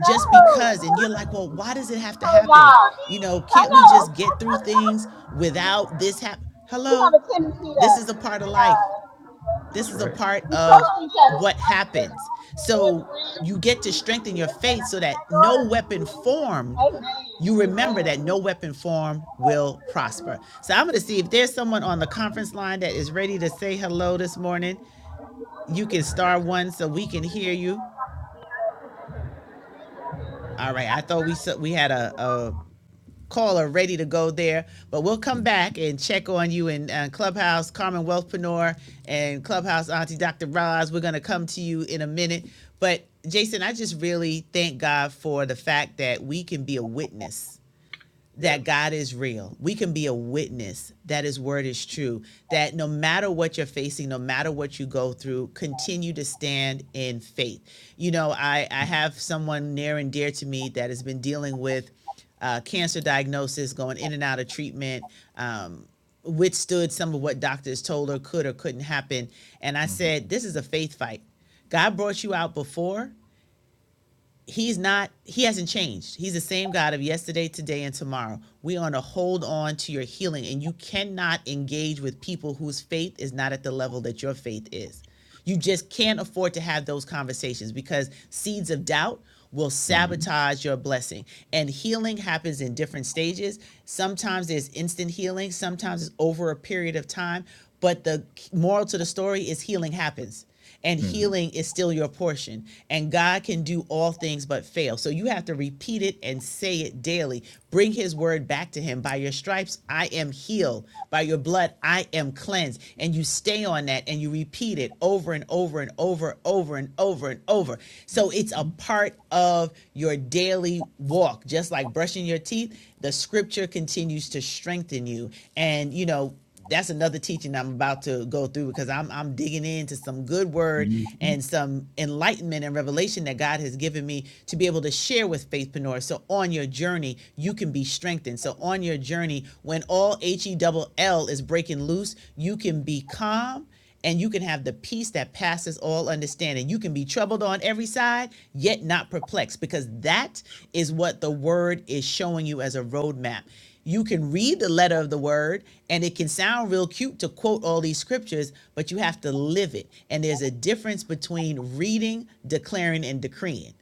Speaker 1: just because and you're like well why does it have to
Speaker 2: How are
Speaker 1: happen
Speaker 2: y'all?
Speaker 1: you know
Speaker 2: I
Speaker 1: can't we
Speaker 2: know.
Speaker 1: just get through things without this hap
Speaker 2: [LAUGHS] we have
Speaker 1: hello
Speaker 2: a tendency to uh,
Speaker 1: this is a part of life this That's is right. a right. part
Speaker 2: we
Speaker 1: of
Speaker 2: trust each other. I
Speaker 1: what
Speaker 2: hear it
Speaker 1: happens so
Speaker 2: every week.
Speaker 1: you get to strengthen your faith so that no weapon formed
Speaker 2: Amen.
Speaker 1: you remember that no
Speaker 2: Amen.
Speaker 1: weapon formed will prosper. So I'm going to see if there's someone on the conference line that is ready to say hello this morning. You can star one so we can hear you. All right, I thought we we had a a, caller ready to go there. But we'll come back and check on you in uh, Clubhouse, Carmen Wealthpreneur, and Clubhouse Auntie Dr. Roz. We're going to come to you in a minute. But Jason, I just really thank God for the fact that we can be a witness that God is real. We can be a witness that his word is true, that no matter what you're facing, no matter what you go through, continue to stand in faith. You know, I, I have someone near and dear to me that has been dealing with uh, cancer diagnosis, going in and out of treatment, um, withstood some of what doctors told her could or couldn't happen. And I said, This is a faith fight. God brought you out before he's not he hasn't changed he's the same god of yesterday today and tomorrow we want to hold on to your healing and you cannot engage with people whose faith is not at the level that your faith is you just can't afford to have those conversations because seeds of doubt will sabotage your blessing and healing happens in different stages sometimes there's instant healing sometimes it's over a period of time but the moral to the story is healing happens and Mhm. healing is still your portion and god can do all things but fail so you have to repeat it and say it daily bring his word back to him by your stripes i am healed by your blood i am cleansed and you stay on that and you repeat it over and over and over over and over and over so it's a part of your daily walk just like brushing your teeth the scripture continues to strengthen you and you know that's another teaching I'm about to go through because I'm I'm digging into some good word mm-hmm. and some enlightenment and revelation that God has given me to be able to share with faithpreneurs. So on your journey, you can be strengthened. So on your journey, when all H E double L is breaking loose, you can be calm and you can have the peace that passes all understanding. You can be troubled on every side, yet not perplexed, because that is what the word is showing you as a roadmap. You can read the letter of the word, and it can sound real cute to quote all these scriptures, but you have to live it. And there's a difference between reading, declaring, and decreeing.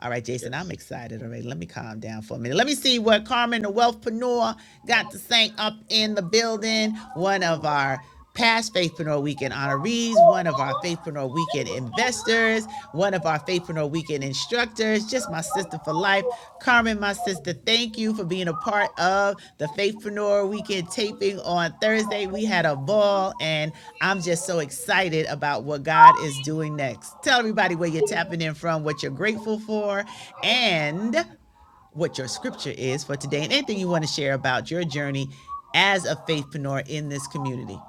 Speaker 1: All right, Jason, I'm excited. already. let me calm down for a minute. Let me see what Carmen the Wealthpreneur got to say up in the building. One of our past Faithpreneur Weekend honorees, one of our Faithpreneur Weekend investors, one of our Faithpreneur Weekend instructors, just my sister for life. Carmen, my sister, thank you for being a part of the Faithpreneur Weekend taping on Thursday. We had a ball, and I'm just so excited about what God is doing next. Tell everybody where you're tapping in from, what you're grateful for, and what your scripture is for today, and anything you want to share about your journey as a faithpreneur in this community.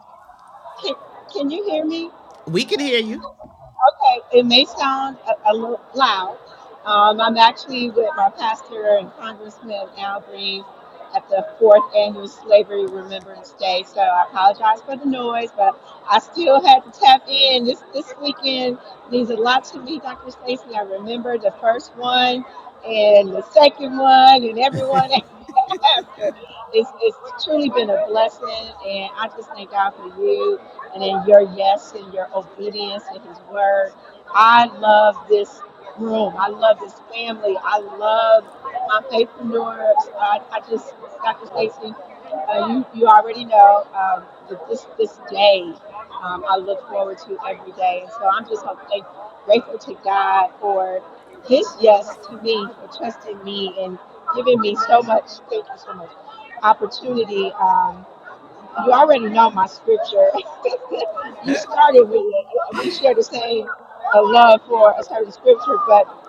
Speaker 2: Can, can you hear me?
Speaker 1: We can hear you.
Speaker 2: Okay, it may sound a, a little loud. Um, I'm actually with my pastor and Congressman Al Green at the fourth annual Slavery Remembrance Day, so I apologize for the noise, but I still had to tap in. This this weekend means a lot to me, Dr. Stacy. I remember the first one and the second one and everyone after. It's, it's truly been a blessing, and I just thank God for you and in your yes and your obedience and His word. I love this room. I love this family. I love my faithpreneurs. I, I just, Dr. Stacy, uh, you, you already know um, that this, this day um, I look forward to every day. And so I'm just so thank, grateful to God for his yes to me for trusting me and giving me so much, thank you so much, opportunity. Um, you already know my scripture. [LAUGHS] you started with it. We share the same uh, love for a certain scripture, but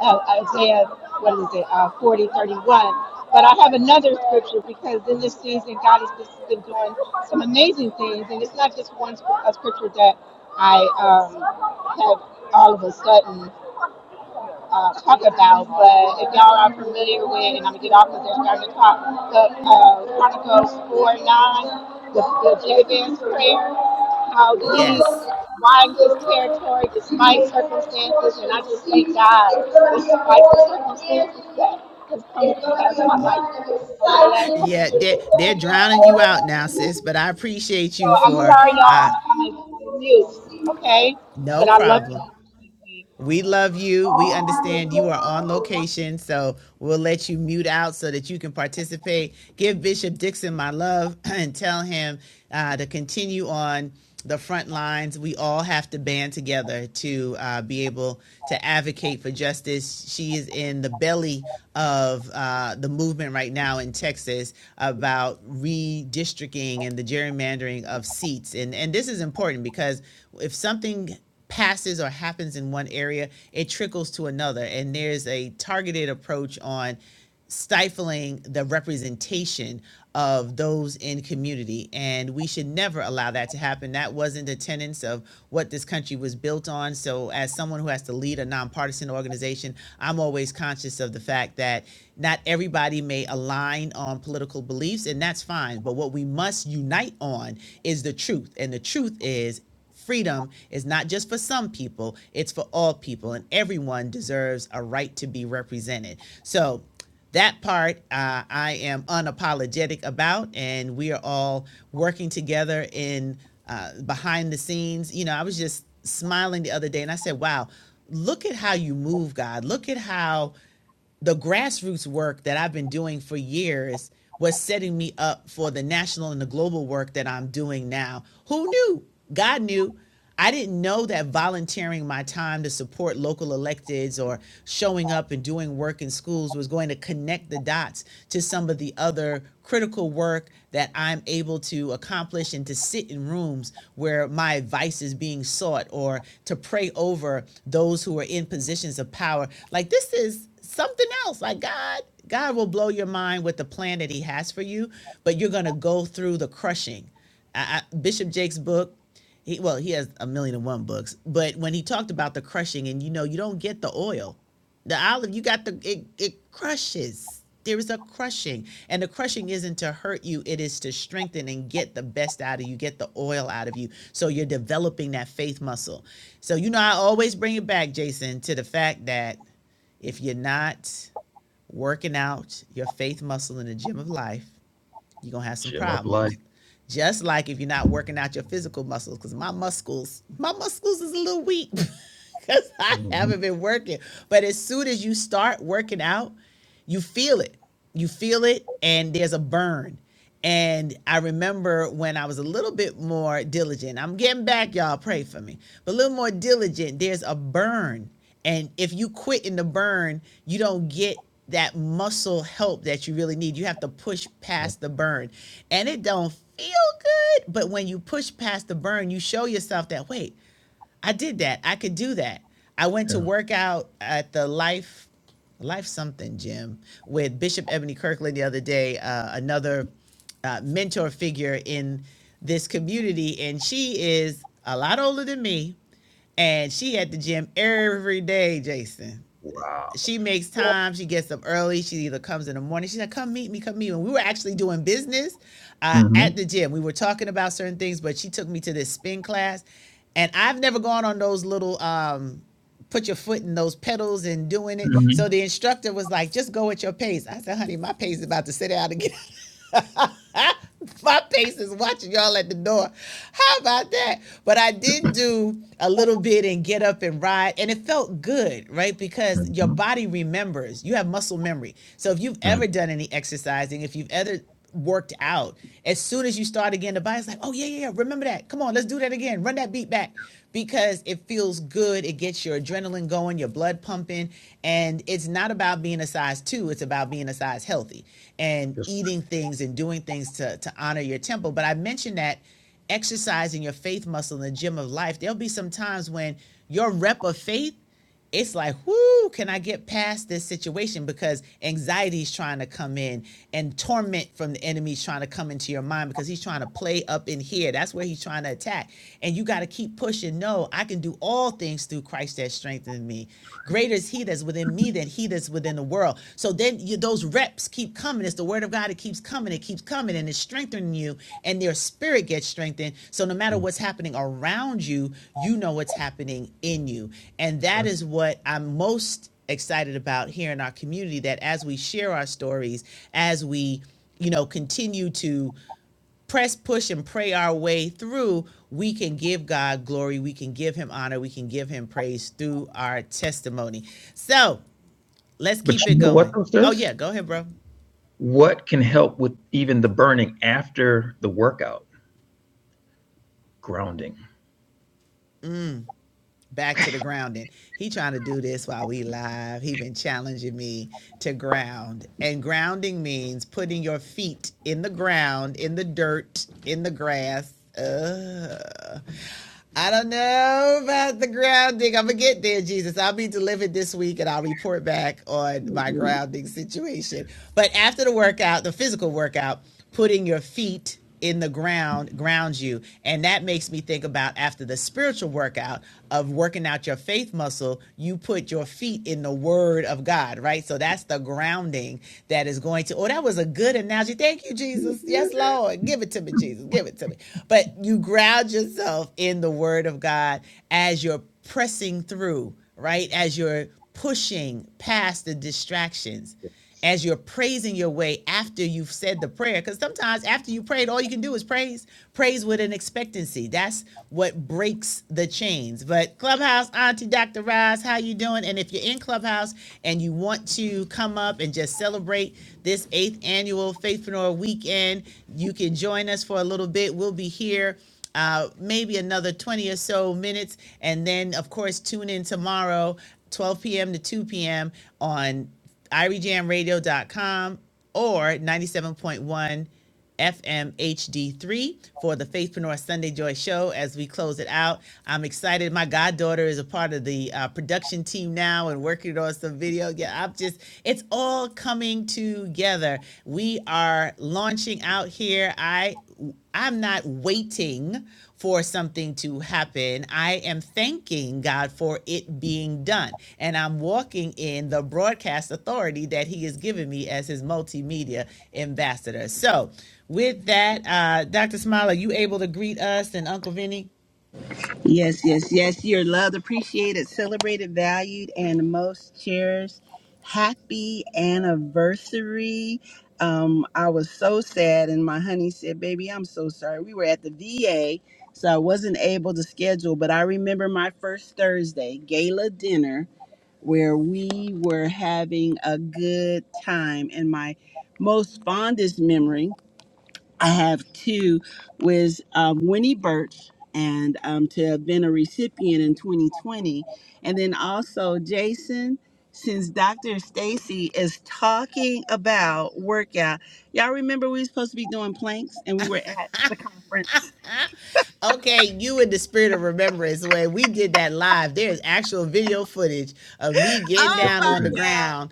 Speaker 2: uh, Isaiah, what is it, uh, 40, thirty-one. But I have another scripture because in this season, God has just been doing some amazing things. And it's not just one scrip- a scripture that I um, have all of a sudden uh, talk about, but if y'all are familiar with, and I'm gonna get off because they're starting to talk, the uh, Chronicles 4 9, the, the Jabez prayer, how he
Speaker 1: Yes.
Speaker 2: winds his territory despite circumstances, and I just thank God despite the circumstances that has come to pass my
Speaker 1: Oh,
Speaker 2: life over the last couple of
Speaker 1: yeah,
Speaker 2: years.
Speaker 1: they're, they're drowning you out now, sis, but I appreciate
Speaker 2: So
Speaker 1: you
Speaker 2: I'm
Speaker 1: for
Speaker 2: sorry, y'all,
Speaker 1: uh,
Speaker 2: I'm, I'm like mute, okay?
Speaker 1: No
Speaker 2: But I love
Speaker 1: problem.
Speaker 2: you.
Speaker 1: We love you. We understand you are on location, so we'll let you mute out so that you can participate. Give Bishop Dixon my love [CLEARS THROAT] and tell him uh, to continue on the front lines. We all have to band together to uh, be able to advocate for justice. She is in the belly of uh, the movement right now in Texas about redistricting and the gerrymandering of seats. And, and this is important because if something passes or happens in one area, it trickles to another. And there's a targeted approach on stifling the representation of those in community. And we should never allow that to happen. That wasn't the tenets of what this country was built on. So, as someone who has to lead a nonpartisan organization, I'm always conscious of the fact that not everybody may align on political beliefs, and that's fine. But what we must unite on is the truth. And the truth is, freedom is not just for some people, it's for all people, and everyone deserves a right to be represented. So that part uh, I am unapologetic about, and we are all working together in uh, behind the scenes. You know, I was just smiling the other day, and I said, "Wow, look at how you move, God. Look at how the grassroots work that I've been doing for years was setting me up for the national and the global work that I'm doing now. Who knew? God knew. I didn't know that volunteering my time to support local electeds or showing up and doing work in schools was going to connect the dots to some of the other critical work that I'm able to accomplish and to sit in rooms where my advice is being sought or to pray over those who are in positions of power. Like this is something else like god god will blow your mind with the plan that he has for you but you're going to go through the crushing I, I, bishop jake's book he well he has a million and one books but when he talked about the crushing and you know you don't get the oil the olive you got the it, it crushes there is a crushing and the crushing isn't to hurt you it is to strengthen and get the best out of you get the oil out of you so you're developing that faith muscle so you know i always bring it back jason to the fact that if you're not working out your faith muscle in the gym of life, you're gonna have some Shit, problems. Just like if you're not working out your physical muscles, because my muscles, my muscles is a little weak because [LAUGHS] I mm-hmm. haven't been working. But as soon as you start working out, you feel it. You feel it, and there's a burn. And I remember when I was a little bit more diligent. I'm getting back, y'all. Pray for me. But a little more diligent, there's a burn. And if you quit in the burn, you don't get that muscle help that you really need. You have to push past the burn. And it don't feel good, but when you push past the burn, you show yourself that wait, I did that. I could do that. I went yeah. to Yeah. work out at the life life something gym with Bishop Ebony Kirkland the other day, uh, another uh, mentor figure in this community and she is a lot older than me and she at the gym every day, Jason. Wow. she makes time. She gets up early. She either comes in the morning. She said, "Come meet me. Come meet me." And we were actually doing business uh, Mhm. at the gym. We were talking about certain things, but she took me to this spin class, and I've never gone on those little um, put your foot in those pedals and doing it. Mhm. So the instructor was like, "Just go at your pace." I said, "Honey, my pace is about to sit out again." [LAUGHS] My patient's watching y'all at the door. How about that? But I did do a little bit and get up and ride, and it felt good, right? Because your body remembers. You have muscle memory. So if you've ever done any exercising, if you've ever worked out, as soon as you start again, the body's like, "Oh yeah, yeah, yeah, remember that? Come on, let's Let's do that again. Run that beat back because it feels good. It gets your adrenaline going, your blood pumping. And it's not about being a size two, it's about being a size healthy and Yes. eating things and doing things to, to honor your temple. But I mentioned that exercising your faith muscle in the gym of life, there'll be some times when your rep of faith it's like, whoo, can I get past this situation? Because anxiety is trying to come in and torment from the enemy is trying to come into your mind because he's trying to play up in here. That's where he's trying to attack. And you got to keep pushing. No, I can do all things through Christ that strengthens me. Greater is he that's within me than he that's within the world. So then you, those reps keep coming. It's the word of God. It keeps coming. It keeps coming and it's strengthening you and your spirit gets strengthened. So no matter what's happening around you, you know what's happening in you. And that is what I'm most excited about here in our community that as we share our stories, as we, you know, continue to press, push, and pray our way through, we can give God glory. We can give him honor. We can give him praise through our testimony. So let's But keep you it know what going. though, Oh sis? yeah, go ahead, bro what can help with even the burning after the workout? Grounding. back to the grounding. He trying to do this while we live. He been challenging me to ground. And grounding means putting your feet in the ground, in the dirt, in the grass. Uh, I don't know about the grounding. I'm gonna get there, Jesus. I'll be delivered this week and I'll report back on my grounding situation. But after the workout, the physical workout, putting your feet in the ground grounds you and that makes me think about after the spiritual workout of working out your faith muscle you put your feet in the word of god right so that's the grounding that is going to oh that was a good analogy thank you jesus yes [LAUGHS] lord give it to me jesus give it to me but you ground yourself in the word of god as you're pressing through right as you're pushing past the distractions as you're praising your way after you've said the prayer. Because sometimes after you prayed, all you can do is praise. Praise with an expectancy. That's what breaks the chains. But Clubhouse, Auntie Dr. Roz, how you doing? And if you're in Clubhouse and you want to come up and just celebrate this eighth annual Faithpreneur weekend, you can join us for a little bit. We'll be here uh, maybe another 20 or so minutes. And then, of course, tune in tomorrow, 12 p.m. to 2 p.m. on irijamradio.com or 97.1 FM HD3 for the Faithpreneur Sunday Joy Show as we close it out. I'm excited. My goddaughter is a part of the uh, production team now and working on some video. Yeah, I'm just, it's it's all coming together. We are launching out here. I I'm not waiting for something to happen. I am thanking God for it being done. And I'm walking in the broadcast authority that He has given me as His multimedia ambassador. So, with that, uh, Dr. Smile, are you able to greet us and Uncle Vinny?
Speaker 3: Yes, yes, yes. You're loved, appreciated, celebrated, valued, and most cherished. Happy anniversary. Um, I was so sad, and my honey said, Baby, I'm so sorry. We were at the VA, so I wasn't able to schedule, but I remember my first Thursday gala dinner where we were having a good time. And my most fondest memory I have two with um, Winnie Birch and um, to have been a recipient in 2020. And then also, Jason, since Dr. Stacy is talking about workout, y'all remember we were supposed to be doing planks and we were at conference.
Speaker 1: Okay, you in the spirit of remembrance when we did that live. There's actual video footage of me getting
Speaker 3: Oh
Speaker 1: down on the
Speaker 3: my
Speaker 1: ground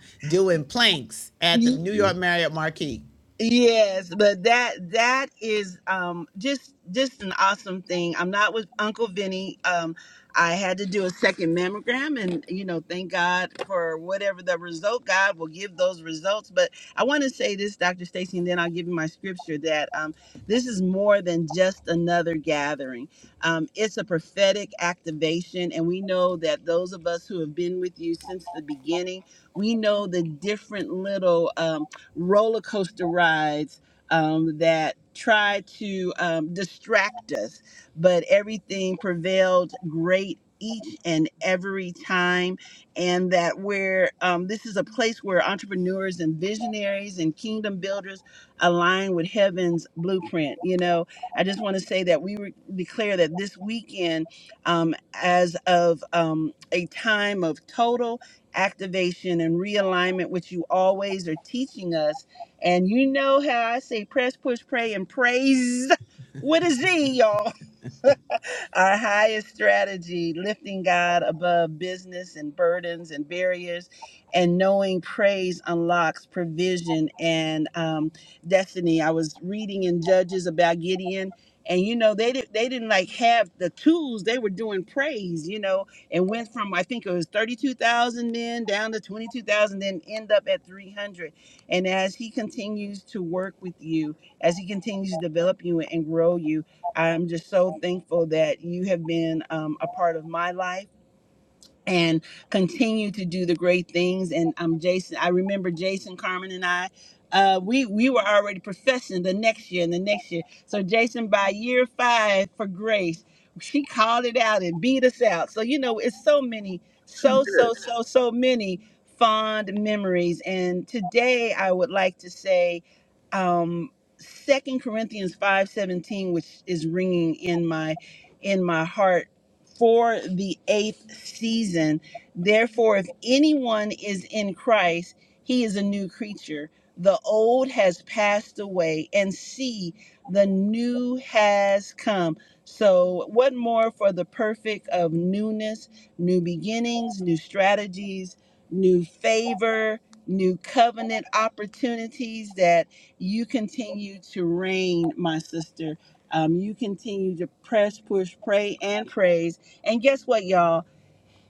Speaker 3: God.
Speaker 1: doing planks at the New York Marriott Marquis.
Speaker 3: Yes, but that that is um just just an awesome thing. I'm not with Uncle Vinny. Um I had to do a second mammogram and you know, thank God for whatever the result God will give those results. But I want to say this, Dr. Stacy, and then I'll give you my scripture that um this is more than just another gathering. Um it's a prophetic activation and we know that those of us who have been with you since the beginning, we know the different little um roller coaster rides um, that try to um, distract us, but everything prevailed great each and every time. And that where um, this is a place where entrepreneurs and visionaries and kingdom builders align with heaven's blueprint. You know, I just want to say that we re- declare that this weekend, um, as of um, a time of total activation and realignment, which you always are teaching us. And you know how I say press, push, pray, and praise [LAUGHS] with a Z, y'all. [LAUGHS] Our highest strategy, lifting God above business and burdens and barriers, and knowing praise unlocks provision and um, destiny. I was reading in Judges about Gideon, and you know they did, they didn't like have the tools. They were doing praise, you know, and went from I think it was thirty two thousand men down to twenty two thousand, then end up at three hundred. And as he continues to work with you, as he continues to develop you and grow you. I'm just so thankful that you have been um, a part of my life and continue to do the great things. And um, Jason, I remember Jason Carmen and I, uh, we we were already professing the next year and the next year. So Jason, by year five for Grace, she called it out and beat us out. So you know, it's so many, so so so so many fond memories. And today, I would like to say. Um, 2 Corinthians 5:17 which is ringing in my in my heart for the eighth season. Therefore, if anyone is in Christ, he is a new creature. The old has passed away, and see, the new has come. So, what more for the perfect of newness, new beginnings, new strategies, new favor, new covenant opportunities that you continue to reign, my sister? Um, you continue to press, push, pray, and praise and guess what, y'all?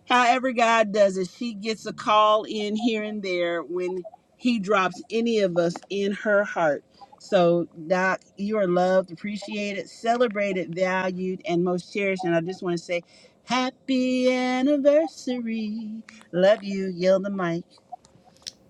Speaker 3: However, God does it, she gets a call in here and there when He drops any of us in her heart. So, Doc, you are loved, appreciated, celebrated, valued, and most cherished. And I just want to say, Happy anniversary. Love you. Yield the mic.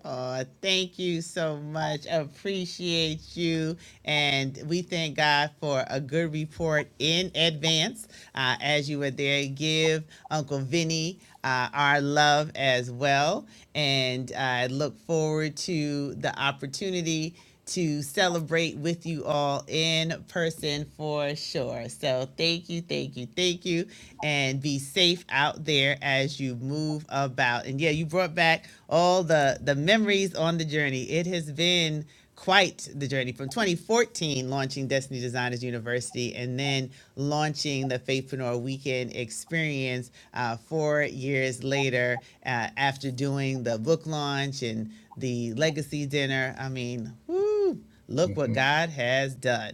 Speaker 1: Oh, thank you so much. Appreciate you. And we thank God for a good report in advance. Uh, as you were there, give Uncle Vinny uh, our love as well. And I look forward to the opportunity to celebrate with you all in person for sure. So thank you, thank you, thank you, and be safe out there as you move about. And yeah, you brought back all the the memories on the journey. It has been quite the journey from 2014 launching Destiny Designers University and then launching the Faithpreneur Weekend Experience uh, four years years later, uh, after doing the book launch and the legacy dinner. I mean, whoo, look what God has done.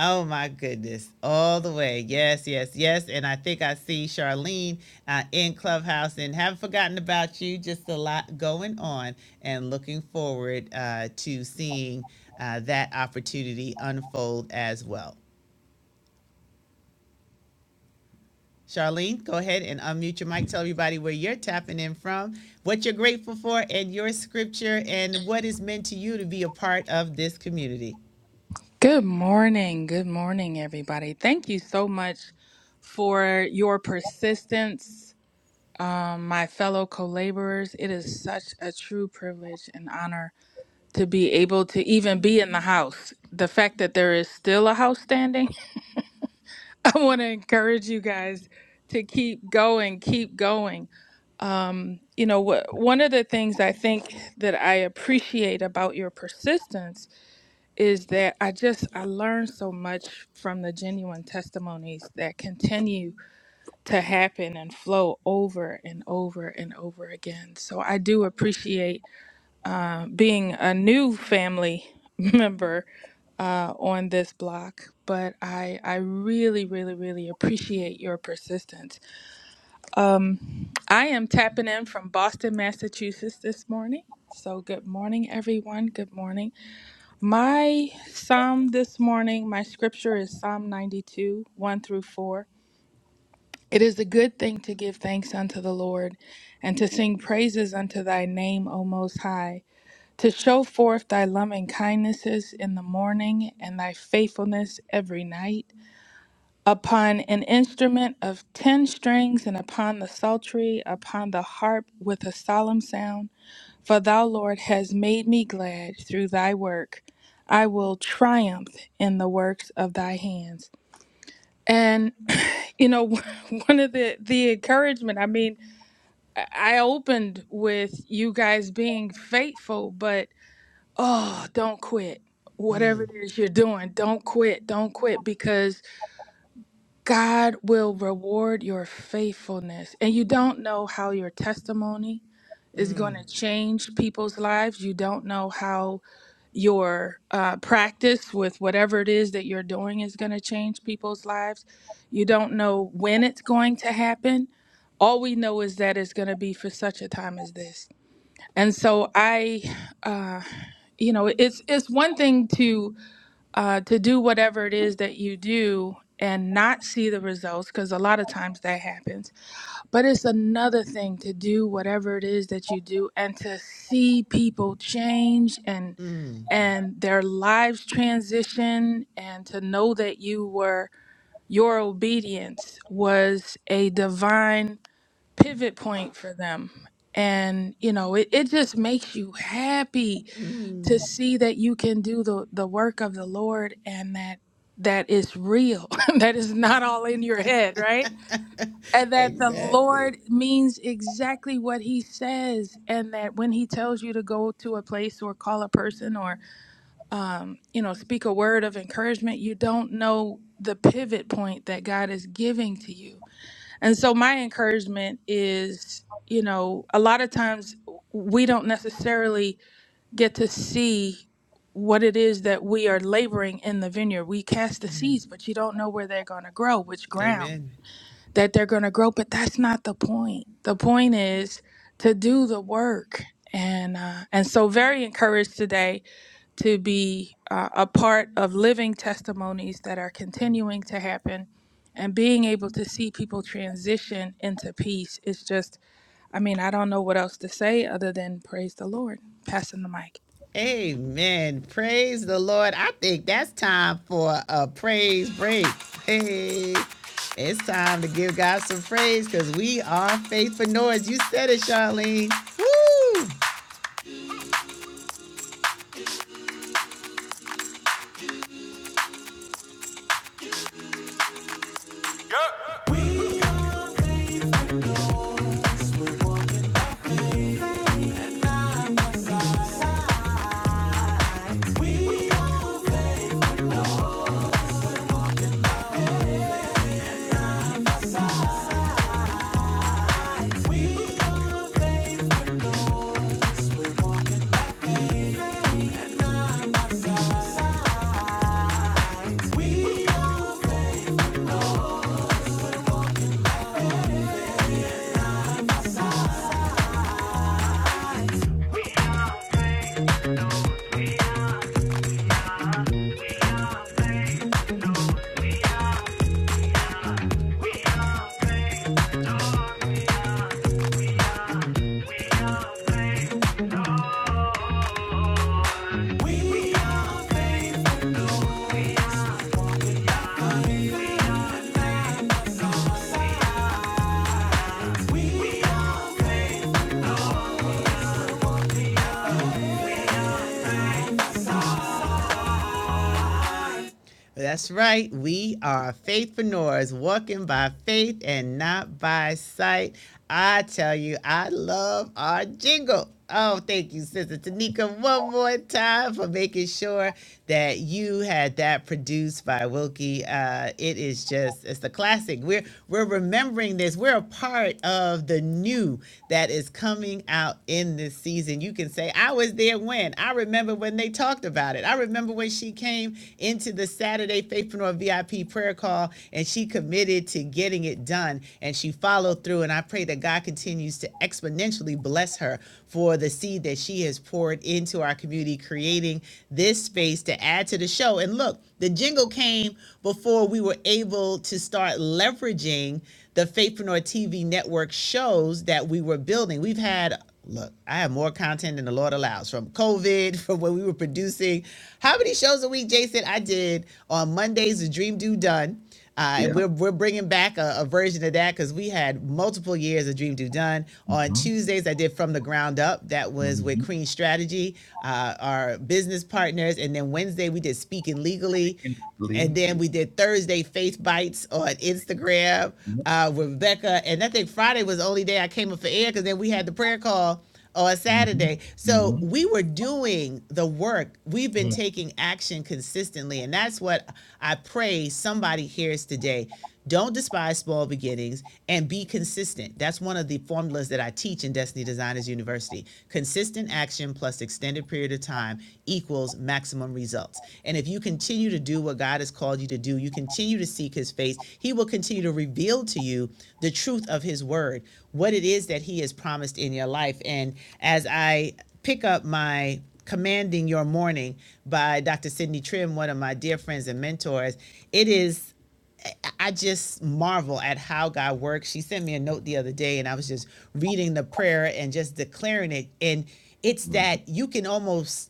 Speaker 1: Oh my goodness, all the way. Yes, yes, yes. And I think I see Charlene uh, in Clubhouse and haven't forgotten about you. Just a lot going on and looking forward uh, to seeing uh, that opportunity unfold as well. Charlene, go ahead and unmute your mic. Tell everybody where you're tapping in from, what you're grateful for, and your scripture, and what is meant to you to be a part of this community.
Speaker 4: Good morning. Good morning, everybody. Thank you so much for your persistence, um, my fellow co laborers. It is such a true privilege and honor to be able to even be in the house. The fact that there is still a house standing, [LAUGHS] I want to encourage you guys to keep going, keep going. Um, you know, wh- one of the things I think that I appreciate about your persistence is that I just I learned so much from the genuine testimonies that continue to happen and flow over and over and over again. So I do appreciate uh, being a new family [LAUGHS] member uh, on this block, but I I really really really appreciate your persistence. Um, I am tapping in from Boston, Massachusetts this morning. So good morning, everyone. Good morning. My psalm this morning, my scripture is Psalm 92, 1 through 4. It is a good thing to give thanks unto the Lord and to sing praises unto thy name, O Most High, to show forth thy loving kindnesses in the morning and thy faithfulness every night. Upon an instrument of ten strings and upon the psaltery, upon the harp with a solemn sound for thou, Lord, hast made me glad through thy work. I will triumph in the works of thy hands. And, [CLEARS THROAT] you know, [LAUGHS] one of the, the encouragement, I mean, I I opened with you guys being faithful, but oh, don't quit. Whatever it is you're doing, don't quit. Don't quit because God will reward your faithfulness. And you don't know how your testimony is going to change people's lives. You don't know how your uh, practice with whatever it is that you're doing is going to change people's lives. You don't know when it's going to happen. All we know is that it's going to be for such a time as this. And so I, uh, you know, it's it's one thing to uh, to do whatever it is that you do and not see the results because a lot of times that happens but it's another thing to do whatever it is that you do and to see people change and and their lives transition and to know that you were your obedience was a divine pivot point for them and you know it, it just makes you happy to see that you can do the the work of the Lord and that that is real [LAUGHS] that is not all in your head right and that the
Speaker 1: Exactly.
Speaker 4: lord means exactly what he says and that when he tells you to go to a place or call a person or um, you know speak a word of encouragement you don't know the pivot point that god is giving to you and so my encouragement is you know a lot of times we don't necessarily get to see what it is that we are laboring in the vineyard. We cast the seeds, but you don't know where they're going to grow, which ground
Speaker 1: Amen.
Speaker 4: that they're going to grow. But that's not the point. The point is to do the work. And, uh, and so very encouraged today to be uh, a part of living testimonies that are continuing to happen and being able to see people transition into peace It's just i mean i don't know what else to say other than praise the lord passing the mic
Speaker 1: Amen. Praise the Lord. I think that's time for a praise break. Hey, it's time to give God some praise because we are faith for noise. You said it, Charlene. Woo! We That's right. We are faithpreneurs, walking by faith and not by sight. I tell you, I love our jingle. Oh, thank you, Sister Tanika, one more time for making sure that you had that produced by Wilkie. Uh, it is just, it's a classic. We're we're remembering this. We're a part of the new that is coming out in this season and you can say, I was there when. I remember when they talked about it. I remember when she came into the Saturday Faithpreneur VIP prayer call and she committed to getting it done and she followed through. And I pray that God continues to exponentially bless her for the seed that she has poured into our community, creating this space to add to the show. And look, the jingle came before we were able to start leveraging the Faithpreneur TV network shows that we were building. We've had look, I have more content than the Lord allows from COVID, [LAUGHS] from when we were producing. How many shows a week, Jason? I did on Mondays, the Dream Do Done. Uh, yeah. and Yeah. we're, we're bringing back a, a version of that because we had multiple years of Dream Do Done. Mm-hmm. On hmm Tuesdays, I did From the Ground Up. That was mm-hmm. with hmm Crean Strategy, uh, our business partners. And then Wednesday. Wednesday we did speaking legally, and then we did Thursday faith bites on Instagram uh, with Rebecca, and I think Friday was the only day I came up for air because then we had the prayer call on Saturday. So Mhm. we were doing the work. We've been mm-hmm. taking action consistently, and that's what I pray somebody hears today. Don't despise small beginnings and be consistent. That's one of the formulas that I teach in Destiny Designers University. Consistent action plus extended period of time equals maximum results. And if you continue to do what God has called you to do, you continue to seek his face, he will continue to reveal to you the truth of his word, what it is that he has promised in your life. And as I pick up my Commanding Your Morning by Dr. Sidney Trim, one of my dear friends and mentors, it is I just marvel at how God works. She sent me a note the other day, and I was just reading the prayer and just declaring it. And it's that you can almost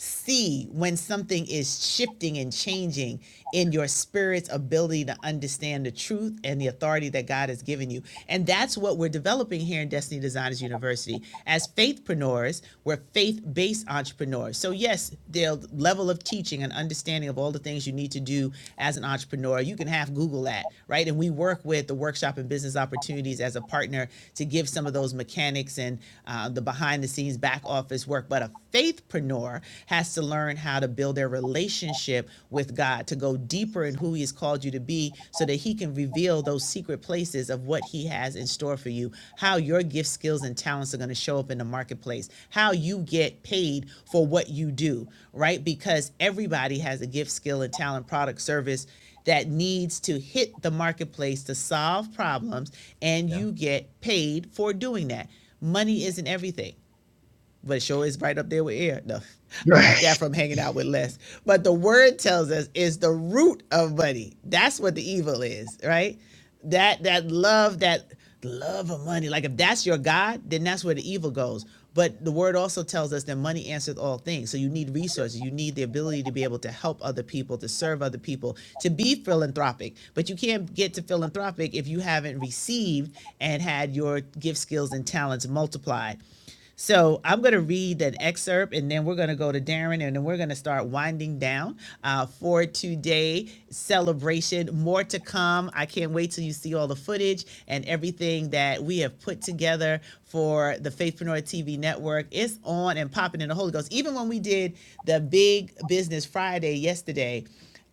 Speaker 1: see when something is shifting and changing in your spirit's ability to understand the truth and the authority that God has given you. And that's what we're developing here in Destiny Designers University as faithpreneurs. We're faith-based entrepreneurs. So yes, the level of teaching and understanding of all the things you need to do as an entrepreneur, you can have Google that, right? And we work with the workshop and business opportunities as a partner to give some of those mechanics and uh, the behind the scenes back office work. But but a faithpreneur has to learn how to build their relationship with God, to go deeper in who He has called you to be, so that He can reveal those secret places of what He has in store for you, how your gift, skills, and talents are going to show up in the marketplace, how you get paid for what you do, right? Because everybody has a gift, skill, and talent, product, service that needs to hit the marketplace to solve problems, and Yeah. you get paid for doing that. Money isn't everything but it sure, is right up there with air. No, [LAUGHS] Right. yeah, from hanging out with less. But the word tells us is the root of money. That's what the evil is, right? That that love, that love of money. Like if that's your God, then that's where the evil goes. But the word also tells us that money answers all things. So you need resources. You need the ability to be able to help other people, to serve other people, to be philanthropic. But you can't get to philanthropic if you haven't received and had your gift skills and talents multiplied. So I'm going to read that excerpt and then we're going to go to Darren and then we're going to start winding down uh, for today celebration. More to come. I can't wait till you see all the footage and everything that we have put together for the Faithpreneur TV network. It's on and popping in the Holy Ghost. Even when we did the Big Business Friday yesterday,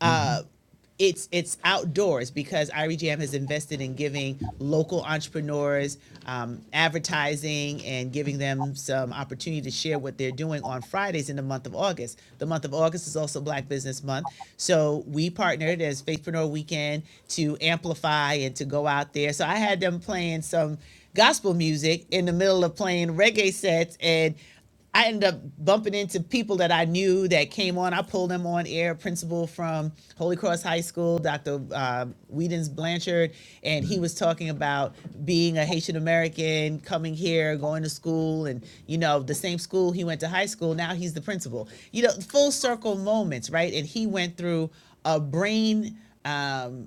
Speaker 1: mm-hmm. uh, it's it's outdoors because I R E Jam has invested in giving local entrepreneurs um, advertising and giving them some opportunity to share what they're doing on Fridays in the month of August. The month of August is also Black Business Month, so we partnered as Faithpreneur Weekend to amplify and to go out there. So I had them playing some gospel music in the middle of playing reggae sets and I ended up bumping into people that I knew that came on. I pulled them on air, principal from Holy Cross High School, Dr. Uh, Whedon's Blanchard, and he was talking about being a Haitian American, coming here, going to school, and you know, the same school he went to high school, now he's the principal. You know, full circle moments, right? And he went through a brain. Um,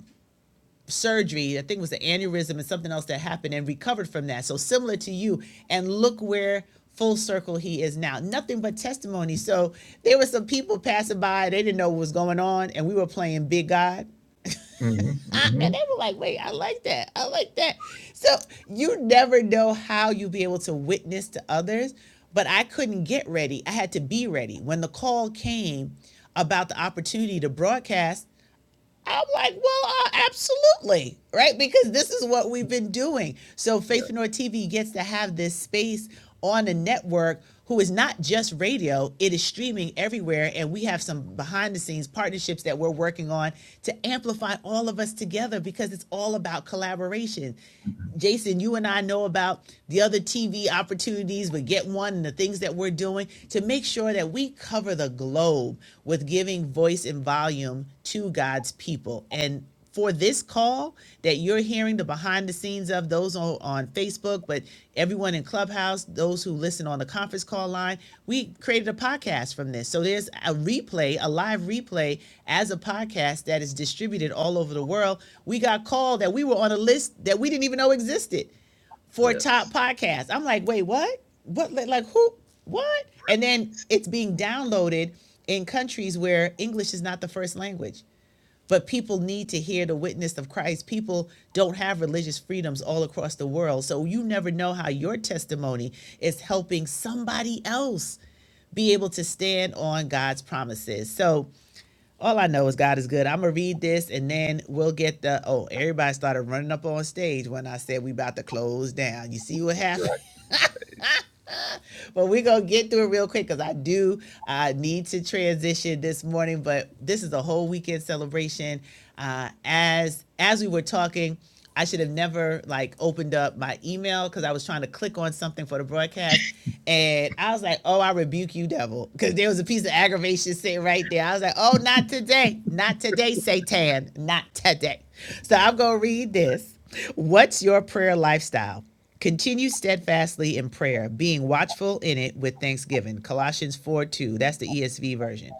Speaker 1: surgery. I think it was the aneurysm and something else that happened and recovered from that. So similar to you. And look where full circle he is now. Nothing but testimony. So there were some people passing by. They didn't know what was going on. And we were playing Big God. Mm-hmm. I- and they were like, wait, I like that. I like that. So you never know how you'll be able to witness to others. But I couldn't get ready. I had to be ready. When the call came about the opportunity to broadcast, I'm like, well, uh, absolutely, right? Because this is what we've been doing. So Faith North TV gets to have this space on a network who is not just radio, it is streaming everywhere. And we have some behind the scenes partnerships that we're working on to amplify all of us together because it's all about collaboration. Mm-hmm. Jason, you and I know about the other TV opportunities, but Get One and the things that we're doing to make make sure that we cover the globe with giving voice and volume to God's people. And for this call that you're hearing the behind the scenes of those on, on Facebook, but everyone in Clubhouse, those who listen on the conference call line, we created a podcast from this. So there's a replay, a live replay as a podcast that is distributed all over the world. We got called that we were on a list that we didn't even know existed for a top podcasts, I'm like, wait, what? What? Like, like, who? What? And then it's being downloaded in countries where English is not the first language. But people need to hear the witness of Christ. People don't have religious freedoms all across the world. So you never know how your testimony is helping somebody else be able to stand on God's promises. So all I know is God is good. I'm gonna read this and then we'll get the oh, everybody started running up on stage when I said we about to close down. You see what happened? but we're gonna get through it real quick because I do uh, need to transition this morning. But this is a whole weekend celebration. Uh, as as we were talking, I should have never like opened up my email because I was trying to click on something for the broadcast, [LAUGHS] and I was like, "Oh, I rebuke you, devil," because there was a piece of aggravation sitting right there. I was like, "Oh, not today, not today, Satan, not today." So I'm gonna read this. What's your prayer lifestyle? Continue steadfastly in prayer, being watchful in it with thanksgiving. Colossians 4 2. That's the ESV version.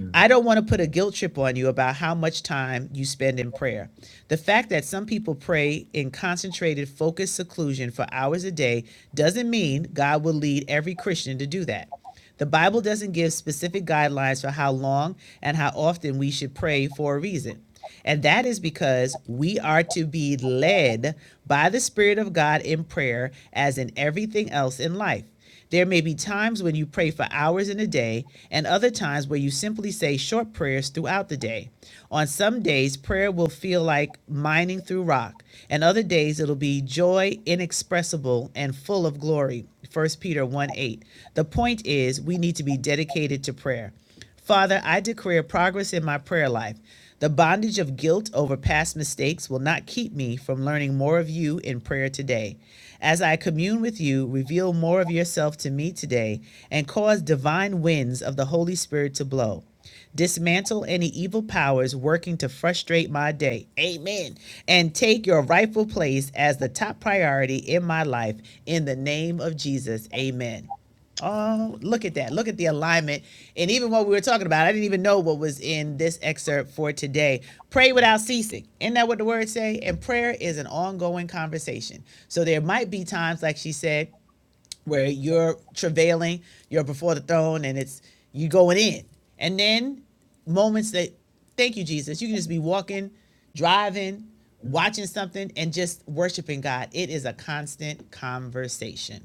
Speaker 1: Mm. I don't want to put a guilt trip on you about how much time you spend in prayer. The fact that some people pray in concentrated, focused seclusion for hours a day doesn't mean God will lead every Christian to do that. The Bible doesn't give specific guidelines for how long and how often we should pray for a reason. And that is because we are to be led by the Spirit of God in prayer, as in everything else in life. There may be times when you pray for hours in a day and other times where you simply say short prayers throughout the day. On some days, prayer will feel like mining through rock, and other days it'll be joy inexpressible and full of glory. First Peter 1 8. The point is, we need to be dedicated to prayer. Father, I declare progress in my prayer life. The bondage of guilt over past mistakes will not keep me from learning more of you in prayer today. As I commune with you, reveal more of yourself to me today and cause divine winds of the Holy Spirit to blow. Dismantle any evil powers working to frustrate my day. Amen. And take your rightful place as the top priority in my life in the name of Jesus. Amen. Oh, look at that. Look at the alignment. And even what we were talking about, I didn't even know what was in this excerpt for today. Pray without ceasing. Isn't that what the words say? And prayer is an ongoing conversation. So there might be times, like she said, where you're travailing, you're before the throne, and it's you going in. And then moments that, thank you, Jesus, you can just be walking, driving, watching something, and just worshiping God. It is a constant conversation.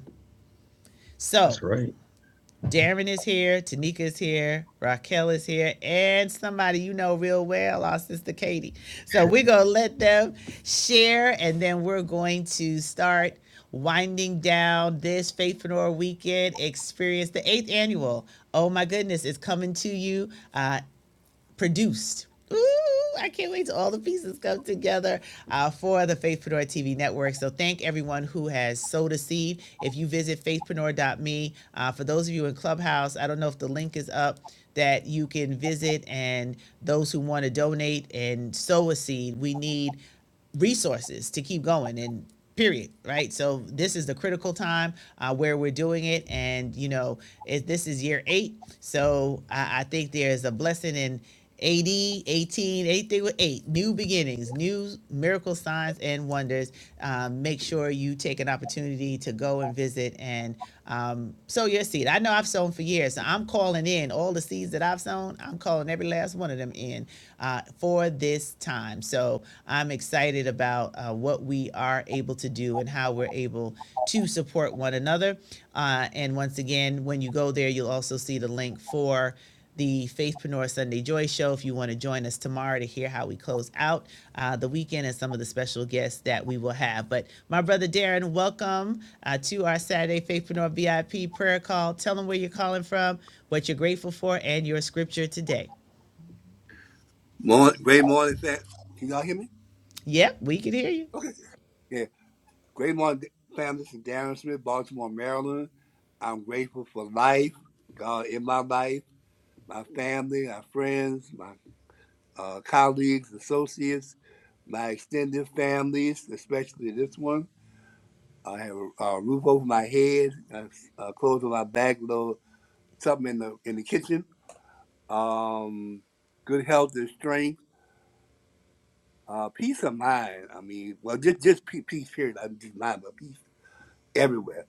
Speaker 1: So, That's right. Darren is here, Tanika is here, Raquel is here, and somebody you know real well, our sister Katie. So we're going to let them share, and then we're going to start winding down this Faithpreneur Weekend Experience, the eighth annual. Oh my goodness, it's coming to you. Uh, produced. Ooh, I can't wait till all the pieces come together uh, for the Faithpreneur TV network. So thank everyone who has sowed a seed. If you visit faithpreneur.me, uh, for those of you in Clubhouse, I don't know if the link is up that you can visit and those who want to donate and sow a seed, we need resources to keep going and period right so this is the critical time uh, where we're doing it and you know it, this is year eight so I, I think there's a blessing in AD 18 anything with eight new beginnings new miracle signs and wonders um, make sure you take an opportunity to go and visit and um, sow your seed I know I've sown for years so I'm calling in all the seeds that I've sown I'm calling every last one of them in uh, for this time. So I'm excited about uh, what we are able to do and how we're able to support one another. Uh, and once again, when you go there, you'll also see the link for the Faithpreneur Sunday Joy Show. If you want to join us tomorrow to hear how we close out uh, the weekend and some of the special guests that we will have. But my brother Darren, welcome uh, to our Saturday Faithpreneur VIP prayer call. Tell them where you're calling from, what you're grateful for, and your scripture today.
Speaker 5: Morning, great morning, fam. Can y'all hear me?
Speaker 1: Yep, we can hear you.
Speaker 5: Yeah. Great morning, fam. This is Darren Smith, Baltimore, Maryland. I'm grateful for life, God in my life, my family, my friends, my uh, colleagues, associates, my extended families, especially this one. I have a, a roof over my head, a, a clothes on my back, little something in the in the kitchen. Um, good health and strength, uh, peace of mind. I mean, well, just just pe- peace period. I'm just mind, but peace everywhere.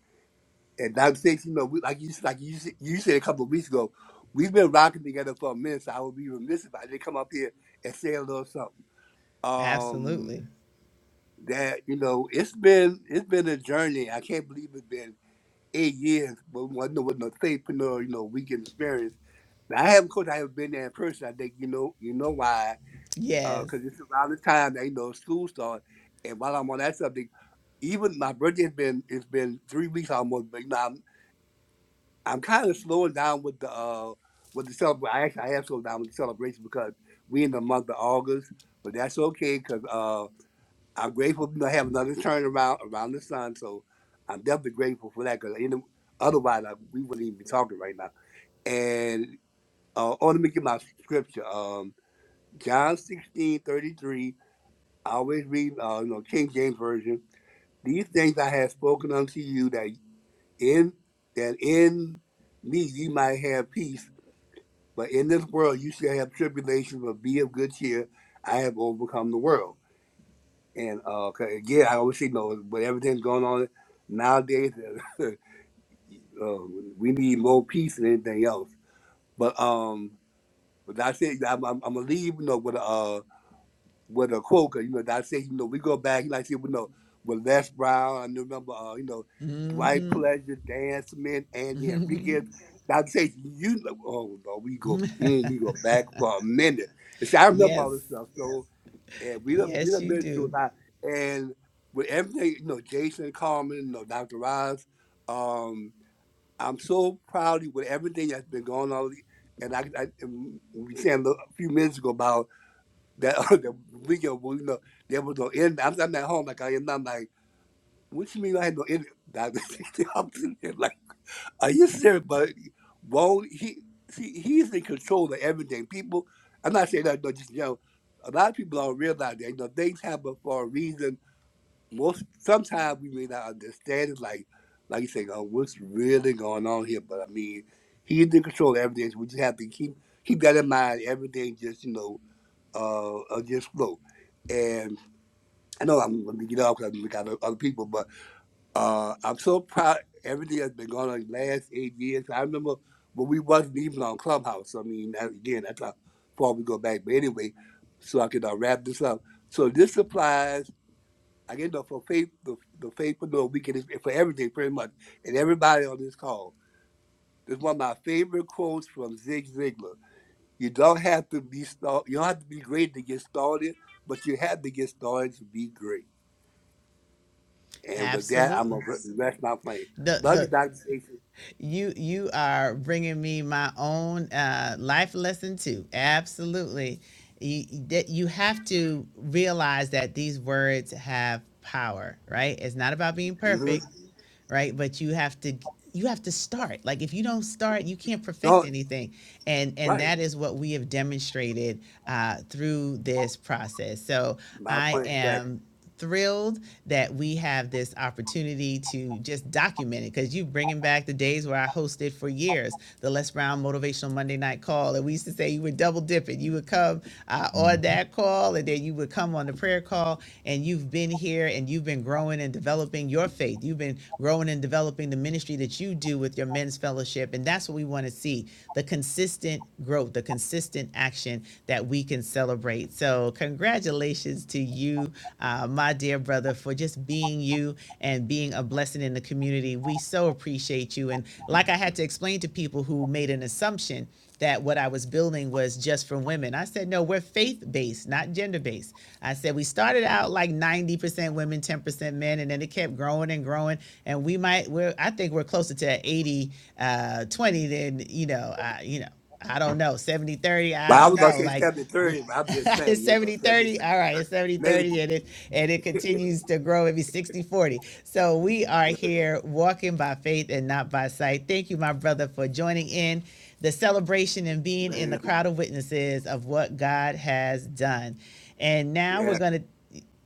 Speaker 5: And Dr. Stacey, you know, we, like you like you, said- you said a couple of weeks ago, we've been rocking together for a minute, so I would be remiss if I didn't come up here and say a little something. Um,
Speaker 1: Absolutely.
Speaker 5: that you know, it's been it's been a journey. I can't believe it's been eight years, but one with no faithpreneur, you know, weekend experience. Now, I haven't, of course, I haven't been there in person. I think you know, you know why?
Speaker 1: Yes.
Speaker 5: Because it's around the time that you know school starts. And while I'm on that subject, even my birthday has been it's been three weeks almost. But you know, I'm, I'm kind of slowing down with the uh with the celebration. I actually I am slowing down with the celebration because we in the month of August, but that's okay because uh I'm grateful to have another turnaround around the sun. So I'm definitely grateful for that because otherwise I, we wouldn't even be talking right now. And uh, oh, let me get my scripture. Um, John 16 33. I always read, uh, you know, King James version. These things I have spoken unto you that in that in me ye might have peace But in this world, you shall have tribulation, but be of good cheer. I have overcome the world. And uh, 'cause again, I always say, no, but everything's going on nowadays. [LAUGHS] uh, we need more peace than anything else. But um, but that's it. I'm, I'm, I'm gonna leave, you know, with a uh with a Quoker, you know, that I say, you know, we go back, like I said, we know, with Les Brown, I remember, uh, you know, Dwight Pleasure, Dan Smith, Andy Enriquez. Like I say, you know, oh, no, we go, mm, we go back for a minute. And see, I remember all
Speaker 1: Yes.
Speaker 5: this stuff, so, and we done, we
Speaker 1: Yes,
Speaker 5: done
Speaker 1: you
Speaker 5: been through
Speaker 1: do.
Speaker 5: a lot. And with everything, you know, Jason Carmen, you know, Dr. Roz, um, I'm so proud of you with everything that's been going on. And I, I and we were saying a little- a few minutes ago about that [LAUGHS] the video will you know there was no end. I'm, I'm at home like I am. now. I'm like, what you mean I had no end? [LAUGHS] I'm sitting there like, are you serious? But well, he see, he's in control of everything. People, I'm not saying that, but just you know, a lot of people don't realize that you know things happen for a reason. Most sometimes we may not understand it. Like like you say, oh, what's really going on here? But I mean, he's in control of everything. So we just have to keep keep that in mind. Everything just you know uh, uh just flow. And I know I'm gonna get off because I've got o- other people, but uh, I'm so proud. Everything has been going on the last eight years. I remember when we wasn't even on Clubhouse. I mean, that, again, that's how far we go back. But anyway, so I can uh, wrap this up. So this applies, I get know, for faith, the, the faithful we can for everything pretty much, and everybody on this call. This is one of my favorite quotes from Zig Ziglar. You don't have to be start. You don't have to be great to get started, but you have to get started to be great. And with that, I'm
Speaker 1: Absolutely.
Speaker 5: gonna re- rest my plane.
Speaker 1: The
Speaker 5: Love you,
Speaker 1: the
Speaker 5: Doctor Station.
Speaker 1: you you are bringing me my own uh, life lesson too. Absolutely. You, that you have to realize that these words have power, right? It's not about being
Speaker 5: Mm-hmm.
Speaker 1: perfect. right? But you have to you have to start. Like if you don't start, you can't perfect
Speaker 5: No,
Speaker 1: anything, and and
Speaker 5: right.
Speaker 1: that is what we have demonstrated uh, through this process. So
Speaker 5: My
Speaker 1: I
Speaker 5: point exactly.
Speaker 1: am thrilled that we have this opportunity to just document it because you are bringing back the days where I hosted for years the Les Brown Motivational Monday Night Call. And we used to say you were double dipping. You would come uh, on that call and then you would come on the prayer call and you've been here and you've been You've been growing and developing your faith. You've been growing and developing the ministry that you do with your men's fellowship. And that's what we want to see the consistent growth, the consistent action that we can celebrate. So, congratulations to you, uh, my dear brother, for just being you and being a blessing in the community. We so appreciate you. And like I had to explain to people who made an assumption that what I was building was just for women. I said, no, we're faith based, not gender based. I said, we started out like 90% women, 10% men, and then it kept growing and growing. And we might, we're, I think we're closer to 80, uh, 20 than, you know, uh, you know, I don't know, 70 30.
Speaker 5: But
Speaker 1: I
Speaker 5: I
Speaker 1: don't
Speaker 5: was gonna
Speaker 1: know.
Speaker 5: say
Speaker 1: Like,
Speaker 5: seven
Speaker 1: we,
Speaker 5: thirty, but
Speaker 1: [LAUGHS]
Speaker 5: I'm just
Speaker 1: it's
Speaker 5: saying, you know,
Speaker 1: 70
Speaker 5: seven
Speaker 1: 30. all right it's 70 30,
Speaker 5: maybe.
Speaker 1: and it and it continues to grow maybe 60 40 so we are
Speaker 5: You
Speaker 1: here walking by faith and not by sight thank you my brother for joining in the celebration and
Speaker 5: know,
Speaker 1: being in the
Speaker 5: man,
Speaker 1: crowd of witnesses of what God has done. And now we're
Speaker 5: yeah.
Speaker 1: going to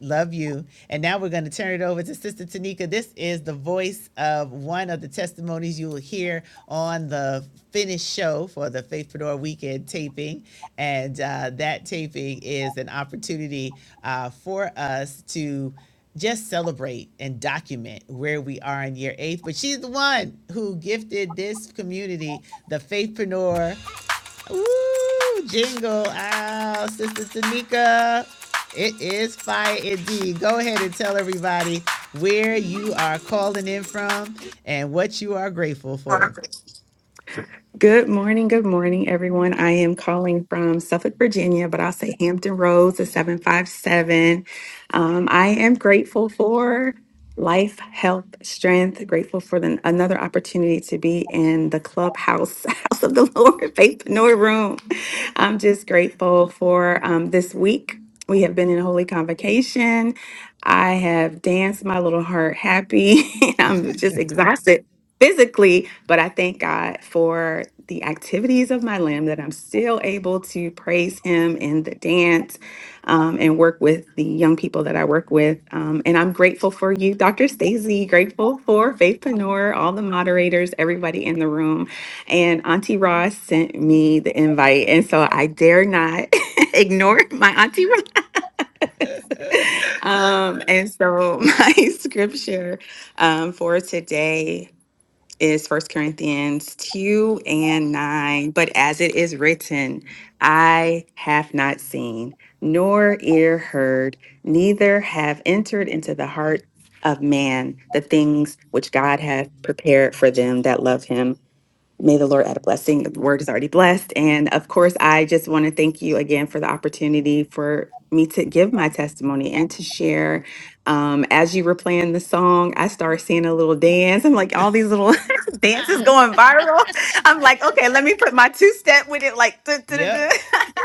Speaker 1: love you. And now we're going to turn it over to Sister Tanika. This is the voice of one of the testimonies you will hear on the finished show for the Faithpreneur Weekend taping. And uh, that taping is an opportunity uh, for us to just celebrate and document where we are in year eight. But she's the one who gifted this community the Faithpreneur Woo! jingle. Ow, Sister Tanika. It is fire indeed. Go ahead and tell everybody where you are calling in from and what you are grateful for.
Speaker 6: Good morning, good morning, everyone. I am calling from Suffolk, Virginia, but I'll say Hampton Roads, the 757. Um, I am grateful for life, health, strength, grateful for the, another opportunity to be in the clubhouse, [LAUGHS] house of the Lord, [LAUGHS] faith, no room. I'm just grateful for um, this week. We have been in holy convocation. I have danced my little heart happy. [LAUGHS] I'm just exhausted physically but I thank God for the activities of my limb that I'm still able to praise Him in the dance um, and work with the young people that I work with. Um, and I'm grateful for you, Dr. Stacey, grateful for Faithpreneur, all the moderators, everybody in the room. And Auntie Ross sent me the invite. And so I dare not [LAUGHS] ignore my Auntie Ross. [LAUGHS] um, and so [LAUGHS] my scripture um, for today is First Corinthians 2 and 9. But as it is written, I have not seen, nor ear heard, neither have entered into the heart of man the things which God hath prepared for them that love him. May the Lord add a blessing. The word is already blessed. And of course, I just want to thank you again for the opportunity for me to give my testimony and to share. Um, as you were playing the song, I started seeing a little dance. I'm like, all these little [LAUGHS] dances going viral. I'm like, okay, let me put my two step with it, like, [LAUGHS] duh, duh, duh, duh.
Speaker 1: Yep.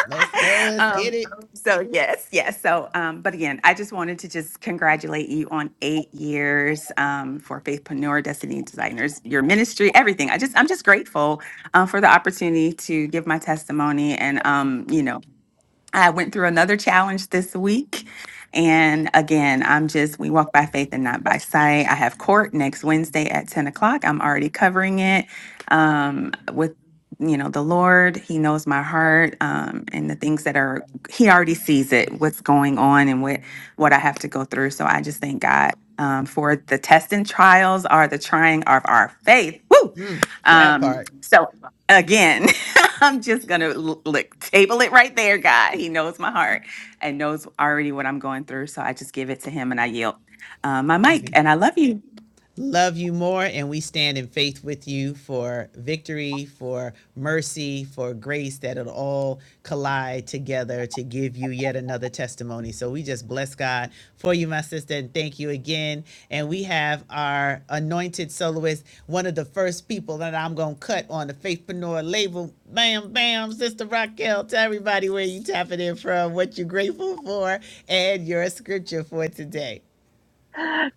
Speaker 1: Let's go.
Speaker 6: [LAUGHS]
Speaker 1: Let's
Speaker 6: um,
Speaker 1: get it.
Speaker 6: so yes, yes. So, um, but again, I just wanted to just congratulate you on eight years um, for Faithpreneur, Destiny Designers, your ministry, everything. I just, I'm just grateful uh, for the opportunity to give my testimony, and um, you know, I went through another challenge this week. And again, I'm just, we walk by faith and not by sight. I have court next Wednesday at 10 o'clock. I'm already covering it um, with, you know, the Lord. He knows my heart um, and the things that are, He already sees it, what's going on and what, what I have to go through. So I just thank God um, for the test and trials are the trying of our faith. Woo!
Speaker 1: Mm, that
Speaker 6: Um,
Speaker 1: part.
Speaker 6: so again, [LAUGHS] [LAUGHS] I'm just gonna l- lick, table it right there, God. He knows my heart and knows already what I'm going through. So I just give it to him and I yield uh, my mic.
Speaker 1: Maybe.
Speaker 6: And I love you.
Speaker 1: love you more and we stand in faith with you for victory for mercy for grace that it'll all collide together to give you yet another testimony so we just bless god for you my sister and thank you again and we have our anointed soloist one of the first people that i'm gonna cut on the faithpreneur label bam bam sister raquel tell everybody where you tapping in from what you're grateful for and your scripture for today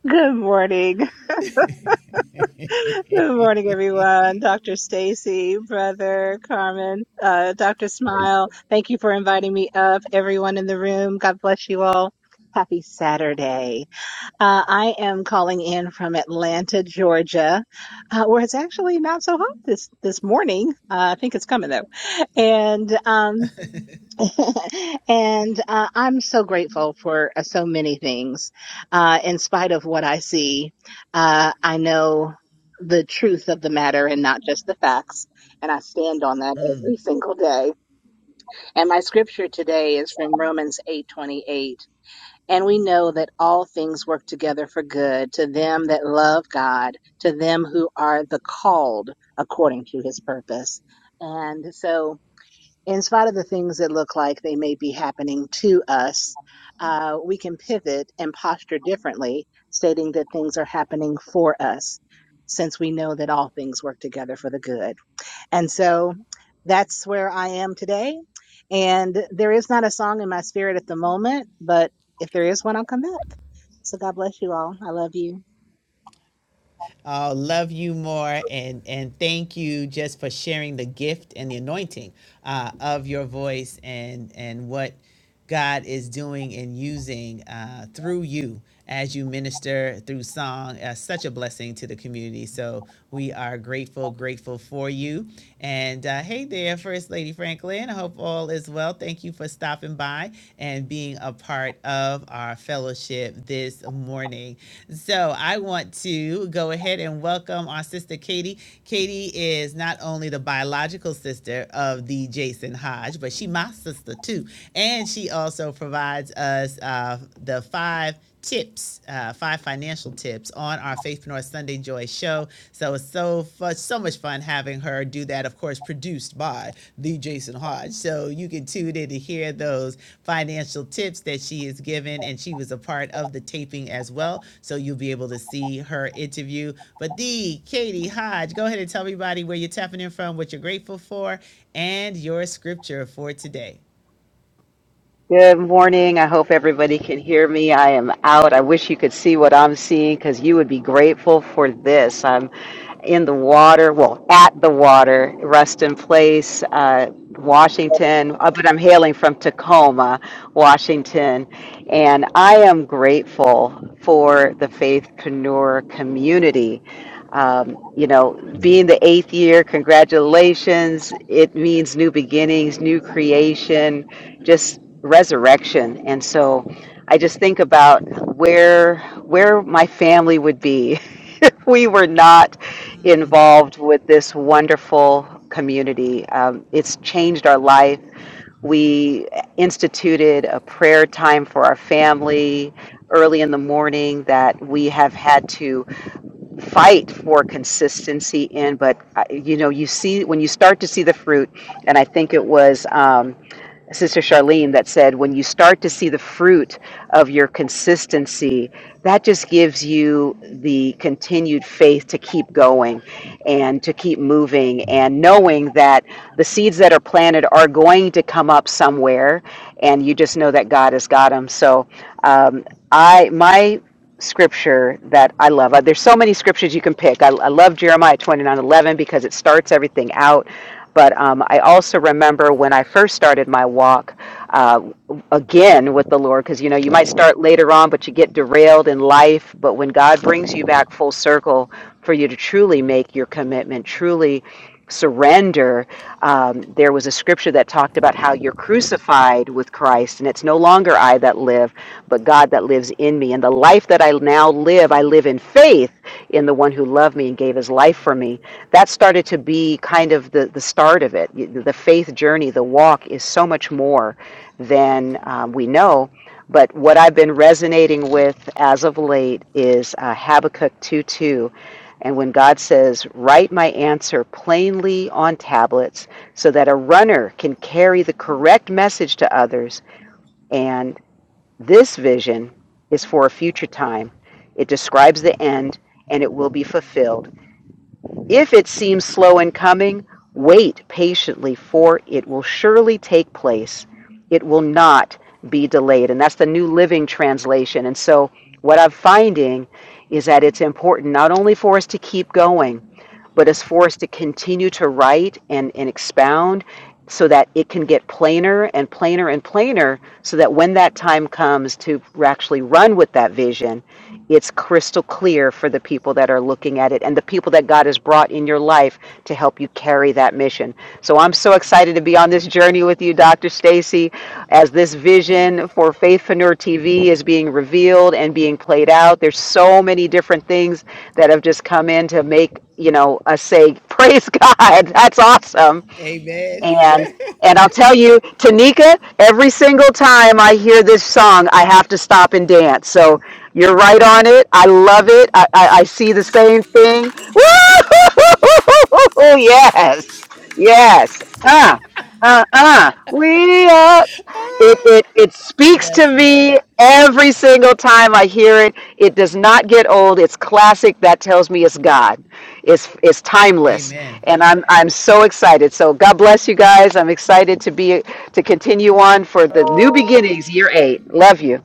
Speaker 7: Good morning. [LAUGHS] Good morning, everyone. Dr. Stacy, brother Carmen, uh, Dr. Smile, thank you for inviting me up. Everyone in the room, God bless you all. Happy Saturday. Uh, I am calling in from Atlanta, Georgia, uh, where it's actually not so hot this, this morning. Uh, I think it's coming though. And, um, [LAUGHS] and uh, I'm so grateful for uh, so many things. Uh, in spite of what I see, uh, I know the truth of the matter and not just the facts. And I stand on that every single day. And my scripture today is from Romans 8:28. And we know that all things work together for good to them that love God, to them who are the called according to his purpose. And so in spite of the things that look like they may be happening to us, uh, we can pivot and posture differently, stating that things are happening for us, since we know that all things work together for the good. And so that's where I am today. And there is not a song in my spirit at the moment, but if there is one, I'll come back. So God bless you all. I love you.
Speaker 1: Uh, love you more and and thank you just for sharing the gift and the anointing uh, of your voice and and what God is doing and using uh, through you as you minister through song. Uh, such a blessing to the community. So we are grateful, grateful for you. And uh, hey there, First Lady Franklin. I hope all is well. Thank you you for stopping by and being a part of our fellowship this morning. So I want to go ahead and welcome our sister Katie. Katie is not only the biological sister of the Jason Hodge, but she my sister too, and she also provides us uh, the five tips, uh, five financial tips on our Faithpreneur Sunday Joy show. So it's so fu- so much fun having her do that. Of course, produced by the Jason Hodge. So you can tune in to hear those financial tips that she is given, and she was a part of the taping as well. So you'll be able to see her interview. But the Katie Hodge, go ahead and tell everybody where you're tapping in from, what you're grateful for, and your scripture for today.
Speaker 8: Good morning. I hope everybody can hear me. I am out. I wish you could see what I'm seeing because you would be grateful for this. I'm in the water, well, at the water, Ruston Place, uh, Washington, uh, but I'm hailing from Tacoma, Washington. And I am grateful for the faithpreneur community. Um, you know, being the eighth year, congratulations. It means new beginnings, new creation, just resurrection and so i just think about where where my family would be [LAUGHS] if we were not involved with this wonderful community um, it's changed our life we instituted a prayer time for our family early in the morning that we have had to fight for consistency in but uh, you know you see when you start to see the fruit and i think it was um, Sister Charlene that said, when you start to see the fruit of your consistency, that just gives you the continued faith to keep going and to keep moving and knowing that the seeds that are planted are going to come up somewhere and you just know that God has got them. So um, I, my scripture that I love. Uh, There's so many scriptures you can pick. I, I love Jeremiah 29:11 because it starts everything out. But um, I also remember when I first started my walk uh, again with the Lord, because you know, you might start later on, but you get derailed in life. But when God brings you back full circle for you to truly make your commitment, truly surrender, um, there was a scripture that talked about how you're crucified with Christ, and it's no longer I that live, but God that lives in me. And the life that I now live, I live in faith in the one who loved me and gave his life for me. That started to be kind of the, the start of it. The faith journey, the walk, is so much more than um, we know. But what I've been resonating with as of late is uh, Habakkuk two. two, and when God says, Write my answer plainly on tablets so that a runner can carry the correct message to others, and this vision is for a future time, it describes the end and it will be fulfilled. If it seems slow in coming, wait patiently, for it will surely take place. It will not be delayed. And that's the New Living Translation. And so, what I'm finding is that it's important not only for us to keep going, but is forced to continue to write and, and expound so that it can get plainer and plainer and plainer so that when that time comes to actually run with that vision it's crystal clear for the people that are looking at it and the people that god has brought in your life to help help you carry that mission. So I'm so excited to be on this journey with you, Dr. Stacy, as this vision for Faithpreneur TV is being revealed and being played out. There's so many different things that have just come in to make you know us say [LAUGHS] praise god that's awesome
Speaker 1: Amen. [LAUGHS]
Speaker 8: and and I'll tell you, Tanika, every single time I hear this song, I have to stop and dance. So you're right on it. I love it. I, I, I see the same thing. [LAUGHS] Woo! Yes. Yes. Uh, uh, uh. We up it, it it speaks to
Speaker 1: That's
Speaker 8: me
Speaker 1: right.
Speaker 8: every single time I hear it. It does not get old. It's classic. That tells me it's God. It's it's timeless,
Speaker 1: Amen.
Speaker 8: and I'm I'm so excited. So God bless you guys. I'm excited to be to continue on for the new beginnings, year eight. Love you,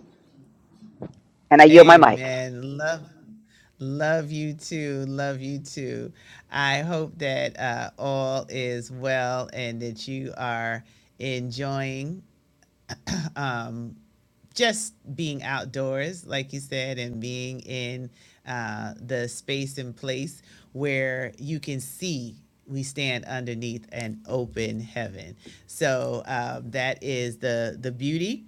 Speaker 8: and I yield my mic.
Speaker 1: Amen. Love love you too. Love you too. I hope that uh, all is well and that you are enjoying just being outdoors, like you said, and being in uh, the space and place where you can see we stand underneath an open heaven. So uh, that is the the beauty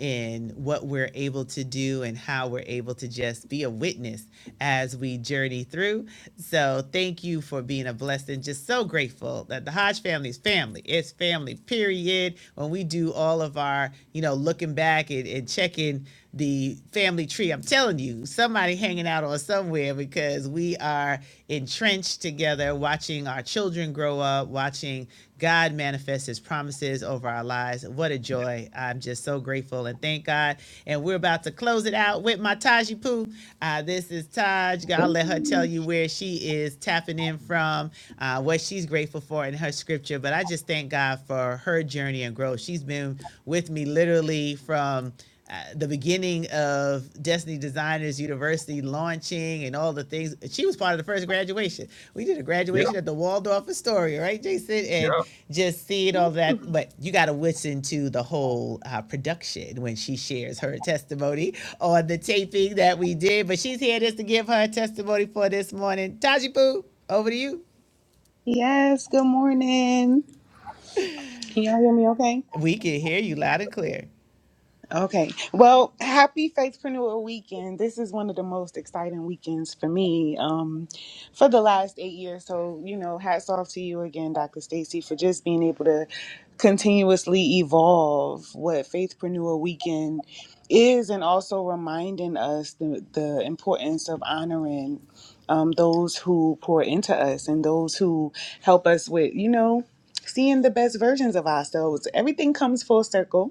Speaker 1: in what we're able to do and how we're able to just be a witness as we journey through. So thank you for being a blessing. Just so grateful that the Hodge family is family. It's family, period. When we do do all of our, you know, looking back and, and checking the family tree. I'm telling you, somebody hanging out on somewhere because we are entrenched together, watching our children grow up, watching God manifest his promises over our lives. What a joy. I'm just so grateful and thank God. And we're about to close it out with my Taji Poo. Uh, this is Taj. I'll let her tell you where she is tapping in from, uh, what she's grateful for in her scripture. But I just thank God for her journey and growth. She's been with me literally from uh, the beginning of Destiny Designers University launching and all the things. She was part of the first graduation. We did a graduation Yeah, at the Waldorf Astoria, right, Jason? And yeah, just seeing all that. But you got to listen to the whole uh, production when she shares her testimony on the taping that we did. But she's here just to give her testimony for this morning. Taji Poo, over to you.
Speaker 9: Yes, good morning. Can y'all hear me okay?
Speaker 1: We can hear you loud and clear.
Speaker 9: Okay. Well, happy Faithpreneur weekend. This is one of the most exciting weekends for me um, for the last eight years. So, you know, hats off to you again, Dr. Stacy, for just being able to continuously evolve what Faithpreneur weekend is and also reminding us the, the importance of honoring um, those who pour into us and those who help us with, you know, seeing the best versions of ourselves. Everything comes full circle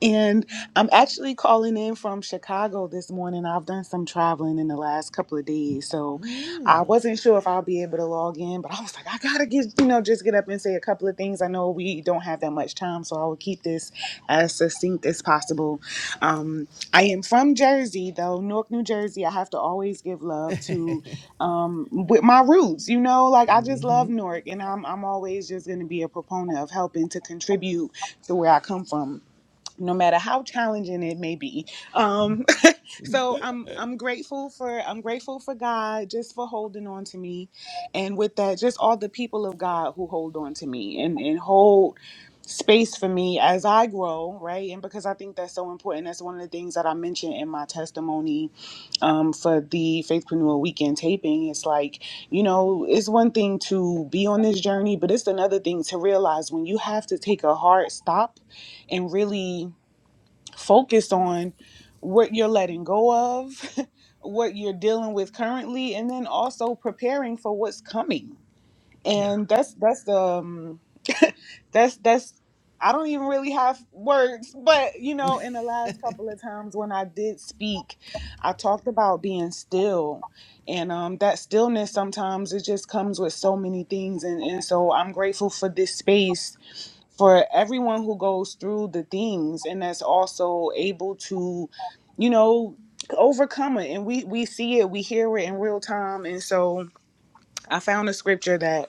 Speaker 9: and I'm actually calling in from Chicago this morning. I've done some traveling in the last couple of days. So I wasn't sure if I'll be able to log in, but I was like, I gotta get, you know, just get up and say a couple of things. I know we don't have that much time, so I will keep this as succinct as possible. Um, I am from Jersey, though, Newark, New Jersey. I have to always give love to um, with my roots, you know, like I just love Newark and I'm, I'm always just gonna be a proponent of helping to contribute to where I come from no matter how challenging it may be. Um, [LAUGHS] so I'm I'm grateful for I'm grateful for God just for holding on to me, and with that, just all the people of God who hold on to me and and hold space for me as I grow, right? And because I think that's so important, that's one of the things that I mentioned in my testimony um, for the Faithpreneur Weekend taping. It's like you know, it's one thing to be on this journey, but it's another thing to realize when you have to take a hard stop and really focus on what you're letting go of, [LAUGHS] what you're dealing with currently, and then also preparing for what's coming.
Speaker 1: yeah.
Speaker 9: And that's that's the um [LAUGHS] that's that's I don't even really have words, but you know, in the last couple of times when I did speak, I talked about being still. And um that stillness sometimes it just comes with so many things and, and so I'm grateful for this space for everyone who goes through the things and that's also able to you know overcome it and we we see it we hear it in real time and so i found a scripture that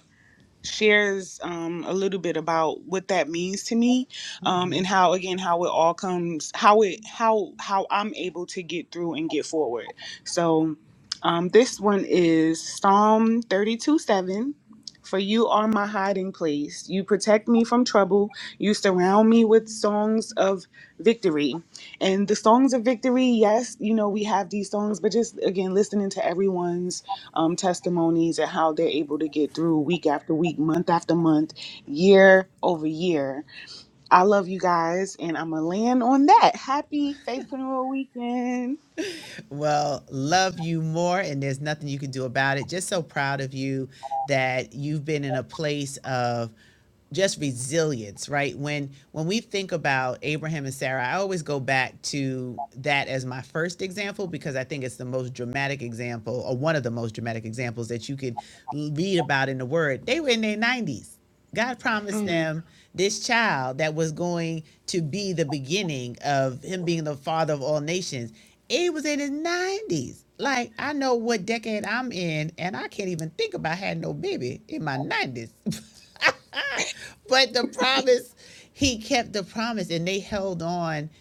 Speaker 9: shares um, a little bit about what that means to me um, and how again how it all comes how it how how i'm able to get through and get forward so um, this one is psalm 32 7 for you are my hiding place you protect me from trouble you surround me with songs of victory and the songs of victory yes you know we have these songs but just again listening to everyone's um, testimonies and how they're able to get through week after week, month after month, year over year. I love you guys, and I'm going to land on that. Happy Faithpreneur Weekend.
Speaker 1: Well, love you more, and there's nothing you can do about it. Just so proud of you that you've been in a place of just resilience, right? When when we think about Abraham and Sarah, I always go back to that as my first example because I think it's the most dramatic example, or one of the most dramatic examples that you could read about in the Word. They were in their 90s God promised
Speaker 9: Mm,
Speaker 1: them this child that was going to be the beginning of him being the father of all nations. It was in his 90s. Like, I know what decade I'm in, and I can't even think about having no baby in my 90s. [LAUGHS] but the promise, he kept the promise, and they held on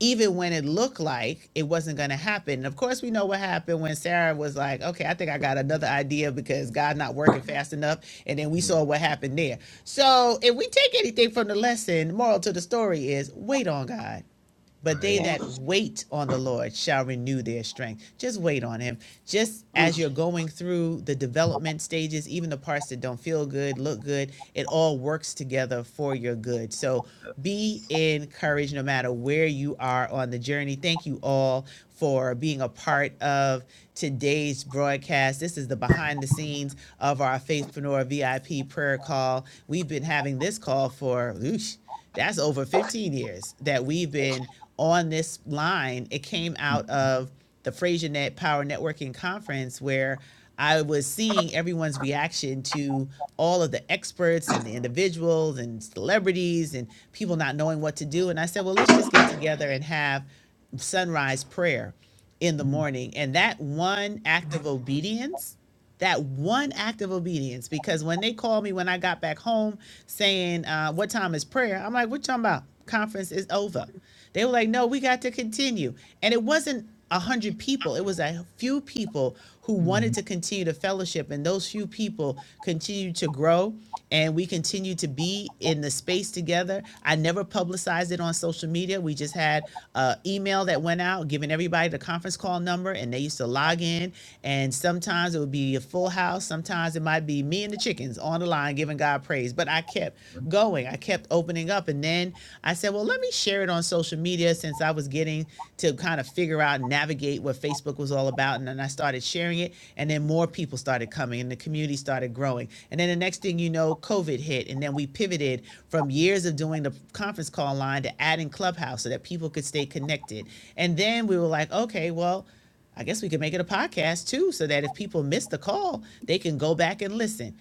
Speaker 1: even when it looked like it wasn't going to happen. Of course, we know what happened when Sarah was like, okay, I think I got another idea because God's not working fast enough. And then we saw what happened there. So if we take anything from the lesson, moral to the story is wait on God. But right. they Right.
Speaker 9: yeah.
Speaker 1: that wait on the Lord shall renew their strength. Just wait on Him. Just as you're going through the development stages, even the parts that don't feel good, look good, it all works together for your good. So be encouraged no matter where you are on the journey. Thank you all for being a part of today's broadcast. This is the behind the scenes of our Faithpreneur VIP prayer call. We've been having this call for oosh, that's over 15 years that we've been on this line. It came out of the FraserNet Power Networking Conference where I was seeing everyone's reaction to all of the experts and the individuals and celebrities and people not knowing what to do. And I said, well, let's just get together and have sunrise prayer in the morning. And that one act of obedience, that one act of obedience, because when they called me when I got back home saying, uh, What time is prayer? I'm like, What you talking about? Conference is over. They were like, No, we got to continue. And it wasn't a hundred people, it was a few people who wanted to continue to fellowship, and those few people continue to grow, and we continue to be in the space together. I never publicized it on social media. We just had an email that went out giving everybody the conference call number, and they used to log in. And sometimes it would be a full house, sometimes it might be me and the chickens on the line giving God praise. But I kept going, I kept opening up, and then I said, Well, let me share it on social media since I was getting to kind of figure out how to navigate what Facebook was all about. And then I started sharing it, and then more people started coming, and the community started growing. And then the next thing you know, COVID hit, and then we pivoted from years of doing the conference call line to adding Clubhouse so that people could stay connected. And then we were like, okay, well, I guess we could make it a podcast too, so that if people miss the call, they can go back and listen.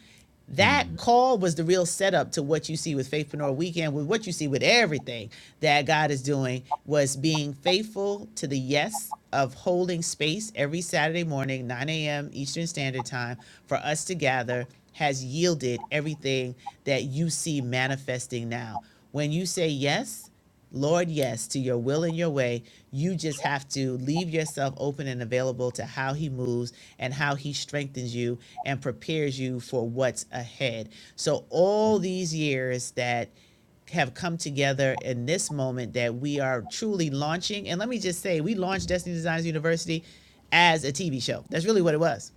Speaker 1: That mm. call was the real setup to what you see with Faithpreneur Weekend, with what you see with everything that God is doing, was being faithful to the yes of holding space every Saturday morning, 9 a.m. Eastern Standard Time, for us to gather has yielded everything that you see manifesting now. When you say yes, Lord, yes, to your will and your way. You just have to leave yourself open and available to how He moves and how He strengthens you and prepares you for what's ahead. So, all these years that have come together in this moment that we are truly launching. And let me just say, we launched Destiny Designs University as a TV show. That's really what it was.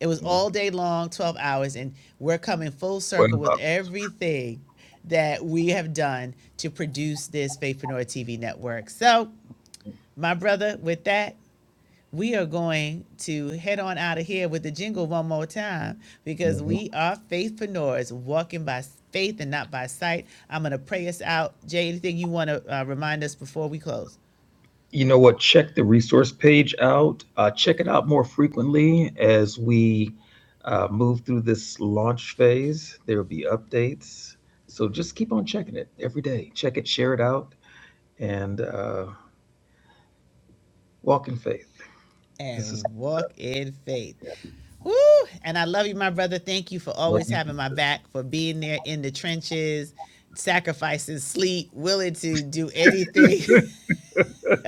Speaker 1: It was all day long, 12 hours, and we're coming full circle with everything that we have done to produce this Faithpreneur TV network. So, my brother, with that, we are going to head on out of here with the jingle one more time because mm-hmm. we are faithpreneurs walking by faith and not by sight. I'm going to pray us out. Jay, anything you want to uh, remind us before we close? you know what, check the resource page out. Uh, check it out more frequently as we uh, move through this launch phase. There will be updates. So just keep on checking it every day. Check it, share it out, and uh, walk in faith. and is- walk in faith. Woo! And I love you, my brother. Thank you for always you. having you. my back, for being there in the trenches, sacrifices, sleep, willing to do anything [LAUGHS]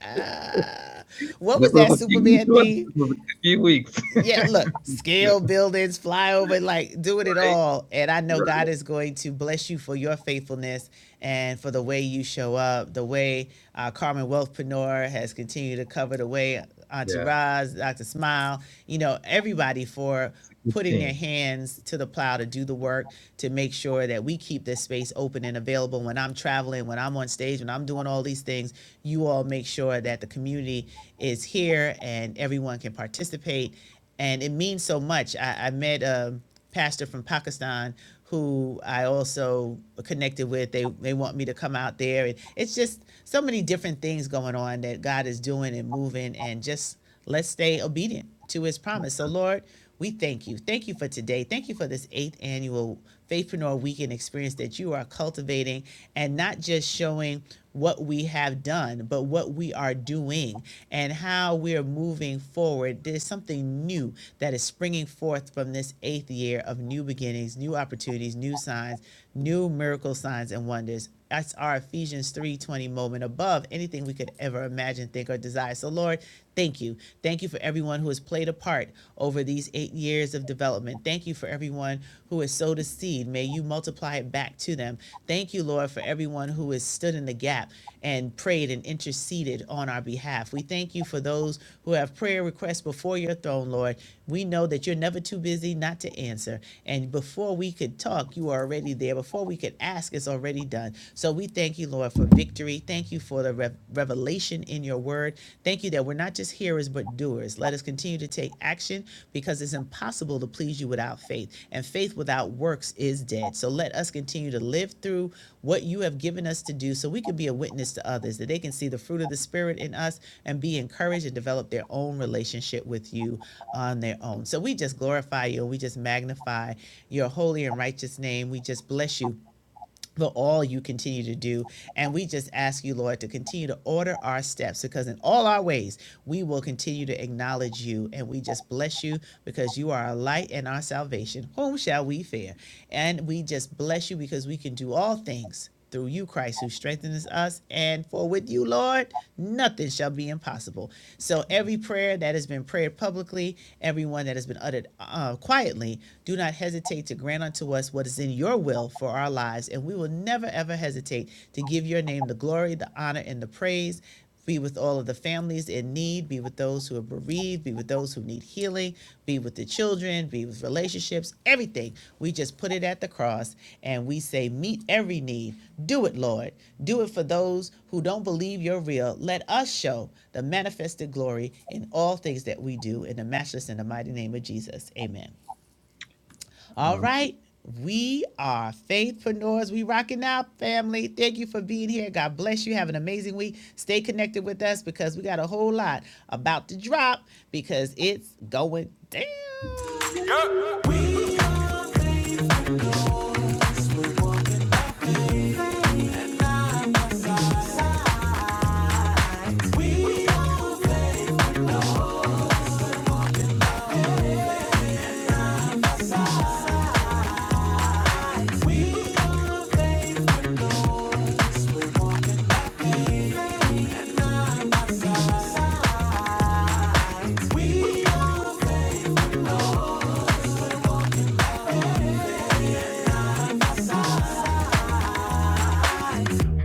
Speaker 1: [LAUGHS] what was that Superman theme? A few weeks yeah, look, scale [LAUGHS] yeah. buildings, fly over, like doing it Right. it all. And I know Right. God is going to bless you for your faithfulness and for the way you show up, the way uh, Carmen Wealthpreneur has continued to cover the way Auntie Yeah. Roz, Dr. Smile, you know, everybody for putting their hands to the plow to do the work to make sure that we keep this space open and available when I'm traveling, when I'm on stage, when I'm doing all these things, you all make sure that the community is here and everyone can participate and it means so much. I, I met a pastor from Pakistan who I also connected with. They they want me to come out there, and it's just so many different things going on that God is doing and moving, and just let's stay obedient to His promise. So, Lord. We thank you. Thank you for today. Thank you for this eighth annual Faithpreneur Weekend experience that you are cultivating and not just showing what we have done, but what we are doing and how we are moving forward. There's something new that is springing forth from this eighth year of new beginnings, new opportunities, new signs, new miracle signs and wonders. That's our Ephesians 3:20 moment above anything we could ever imagine, think, or desire. So, Lord, Thank you. Thank you for everyone who has played a part over these eight years of development. Thank you for everyone who has sowed a seed. May you multiply it back to them. Thank you, Lord, for everyone who has stood in the gap and prayed and interceded on our behalf. We thank you for those who have prayer requests before your throne, Lord. We know that you're never too busy not to answer. And before we could talk, you are already there. Before we could ask, it's already done. So we thank you, Lord, for victory. Thank Thank you for the rev- revelation in your word. Thank you that we're not just hearers, but doers. Let us continue to take action because it's impossible to please you without faith, and faith without works is dead. So let us continue to live through what you have given us to do so we can be a witness to others, that they can see the fruit of the Spirit in us and be encouraged and develop their own relationship with you on their own. So we just glorify you we just magnify your holy and righteous name. We just bless you for all you continue to do. And we just ask you, Lord, to continue to order our steps because in all our ways, we will continue to acknowledge you. And we just bless you because you are our light and our salvation. Whom shall we fear? And we just bless you because we can do all things through you, Christ, who strengthens us. And for with you, Lord, nothing shall be impossible. So every prayer that has been prayed publicly, every one that has been uttered uh, quietly, do not hesitate to grant unto us what is in your will for our lives. And we will never, ever hesitate to give your name the glory, the honor, and the praise. Be with all of the families in need. Be with those who are bereaved. Be with those who need healing. Be with the children. Be with relationships. Everything. We just put it at the cross and we say, Meet every need. Do it, Lord. Do it for those who don't believe you're real. Let us show the manifested glory in all things that we do in the matchless and the mighty name of Jesus. Amen. All right. We are faithpreneurs. We rocking out, family. Thank you for being here. God bless you. Have an amazing week. Stay connected with us because we got a whole lot about to drop because it's going down. Yeah. We,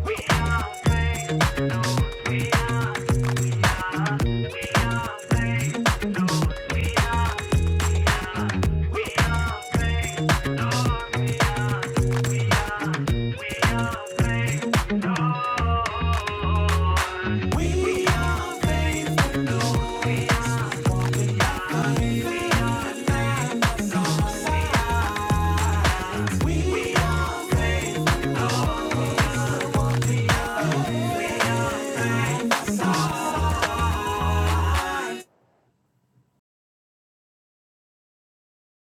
Speaker 1: we are. We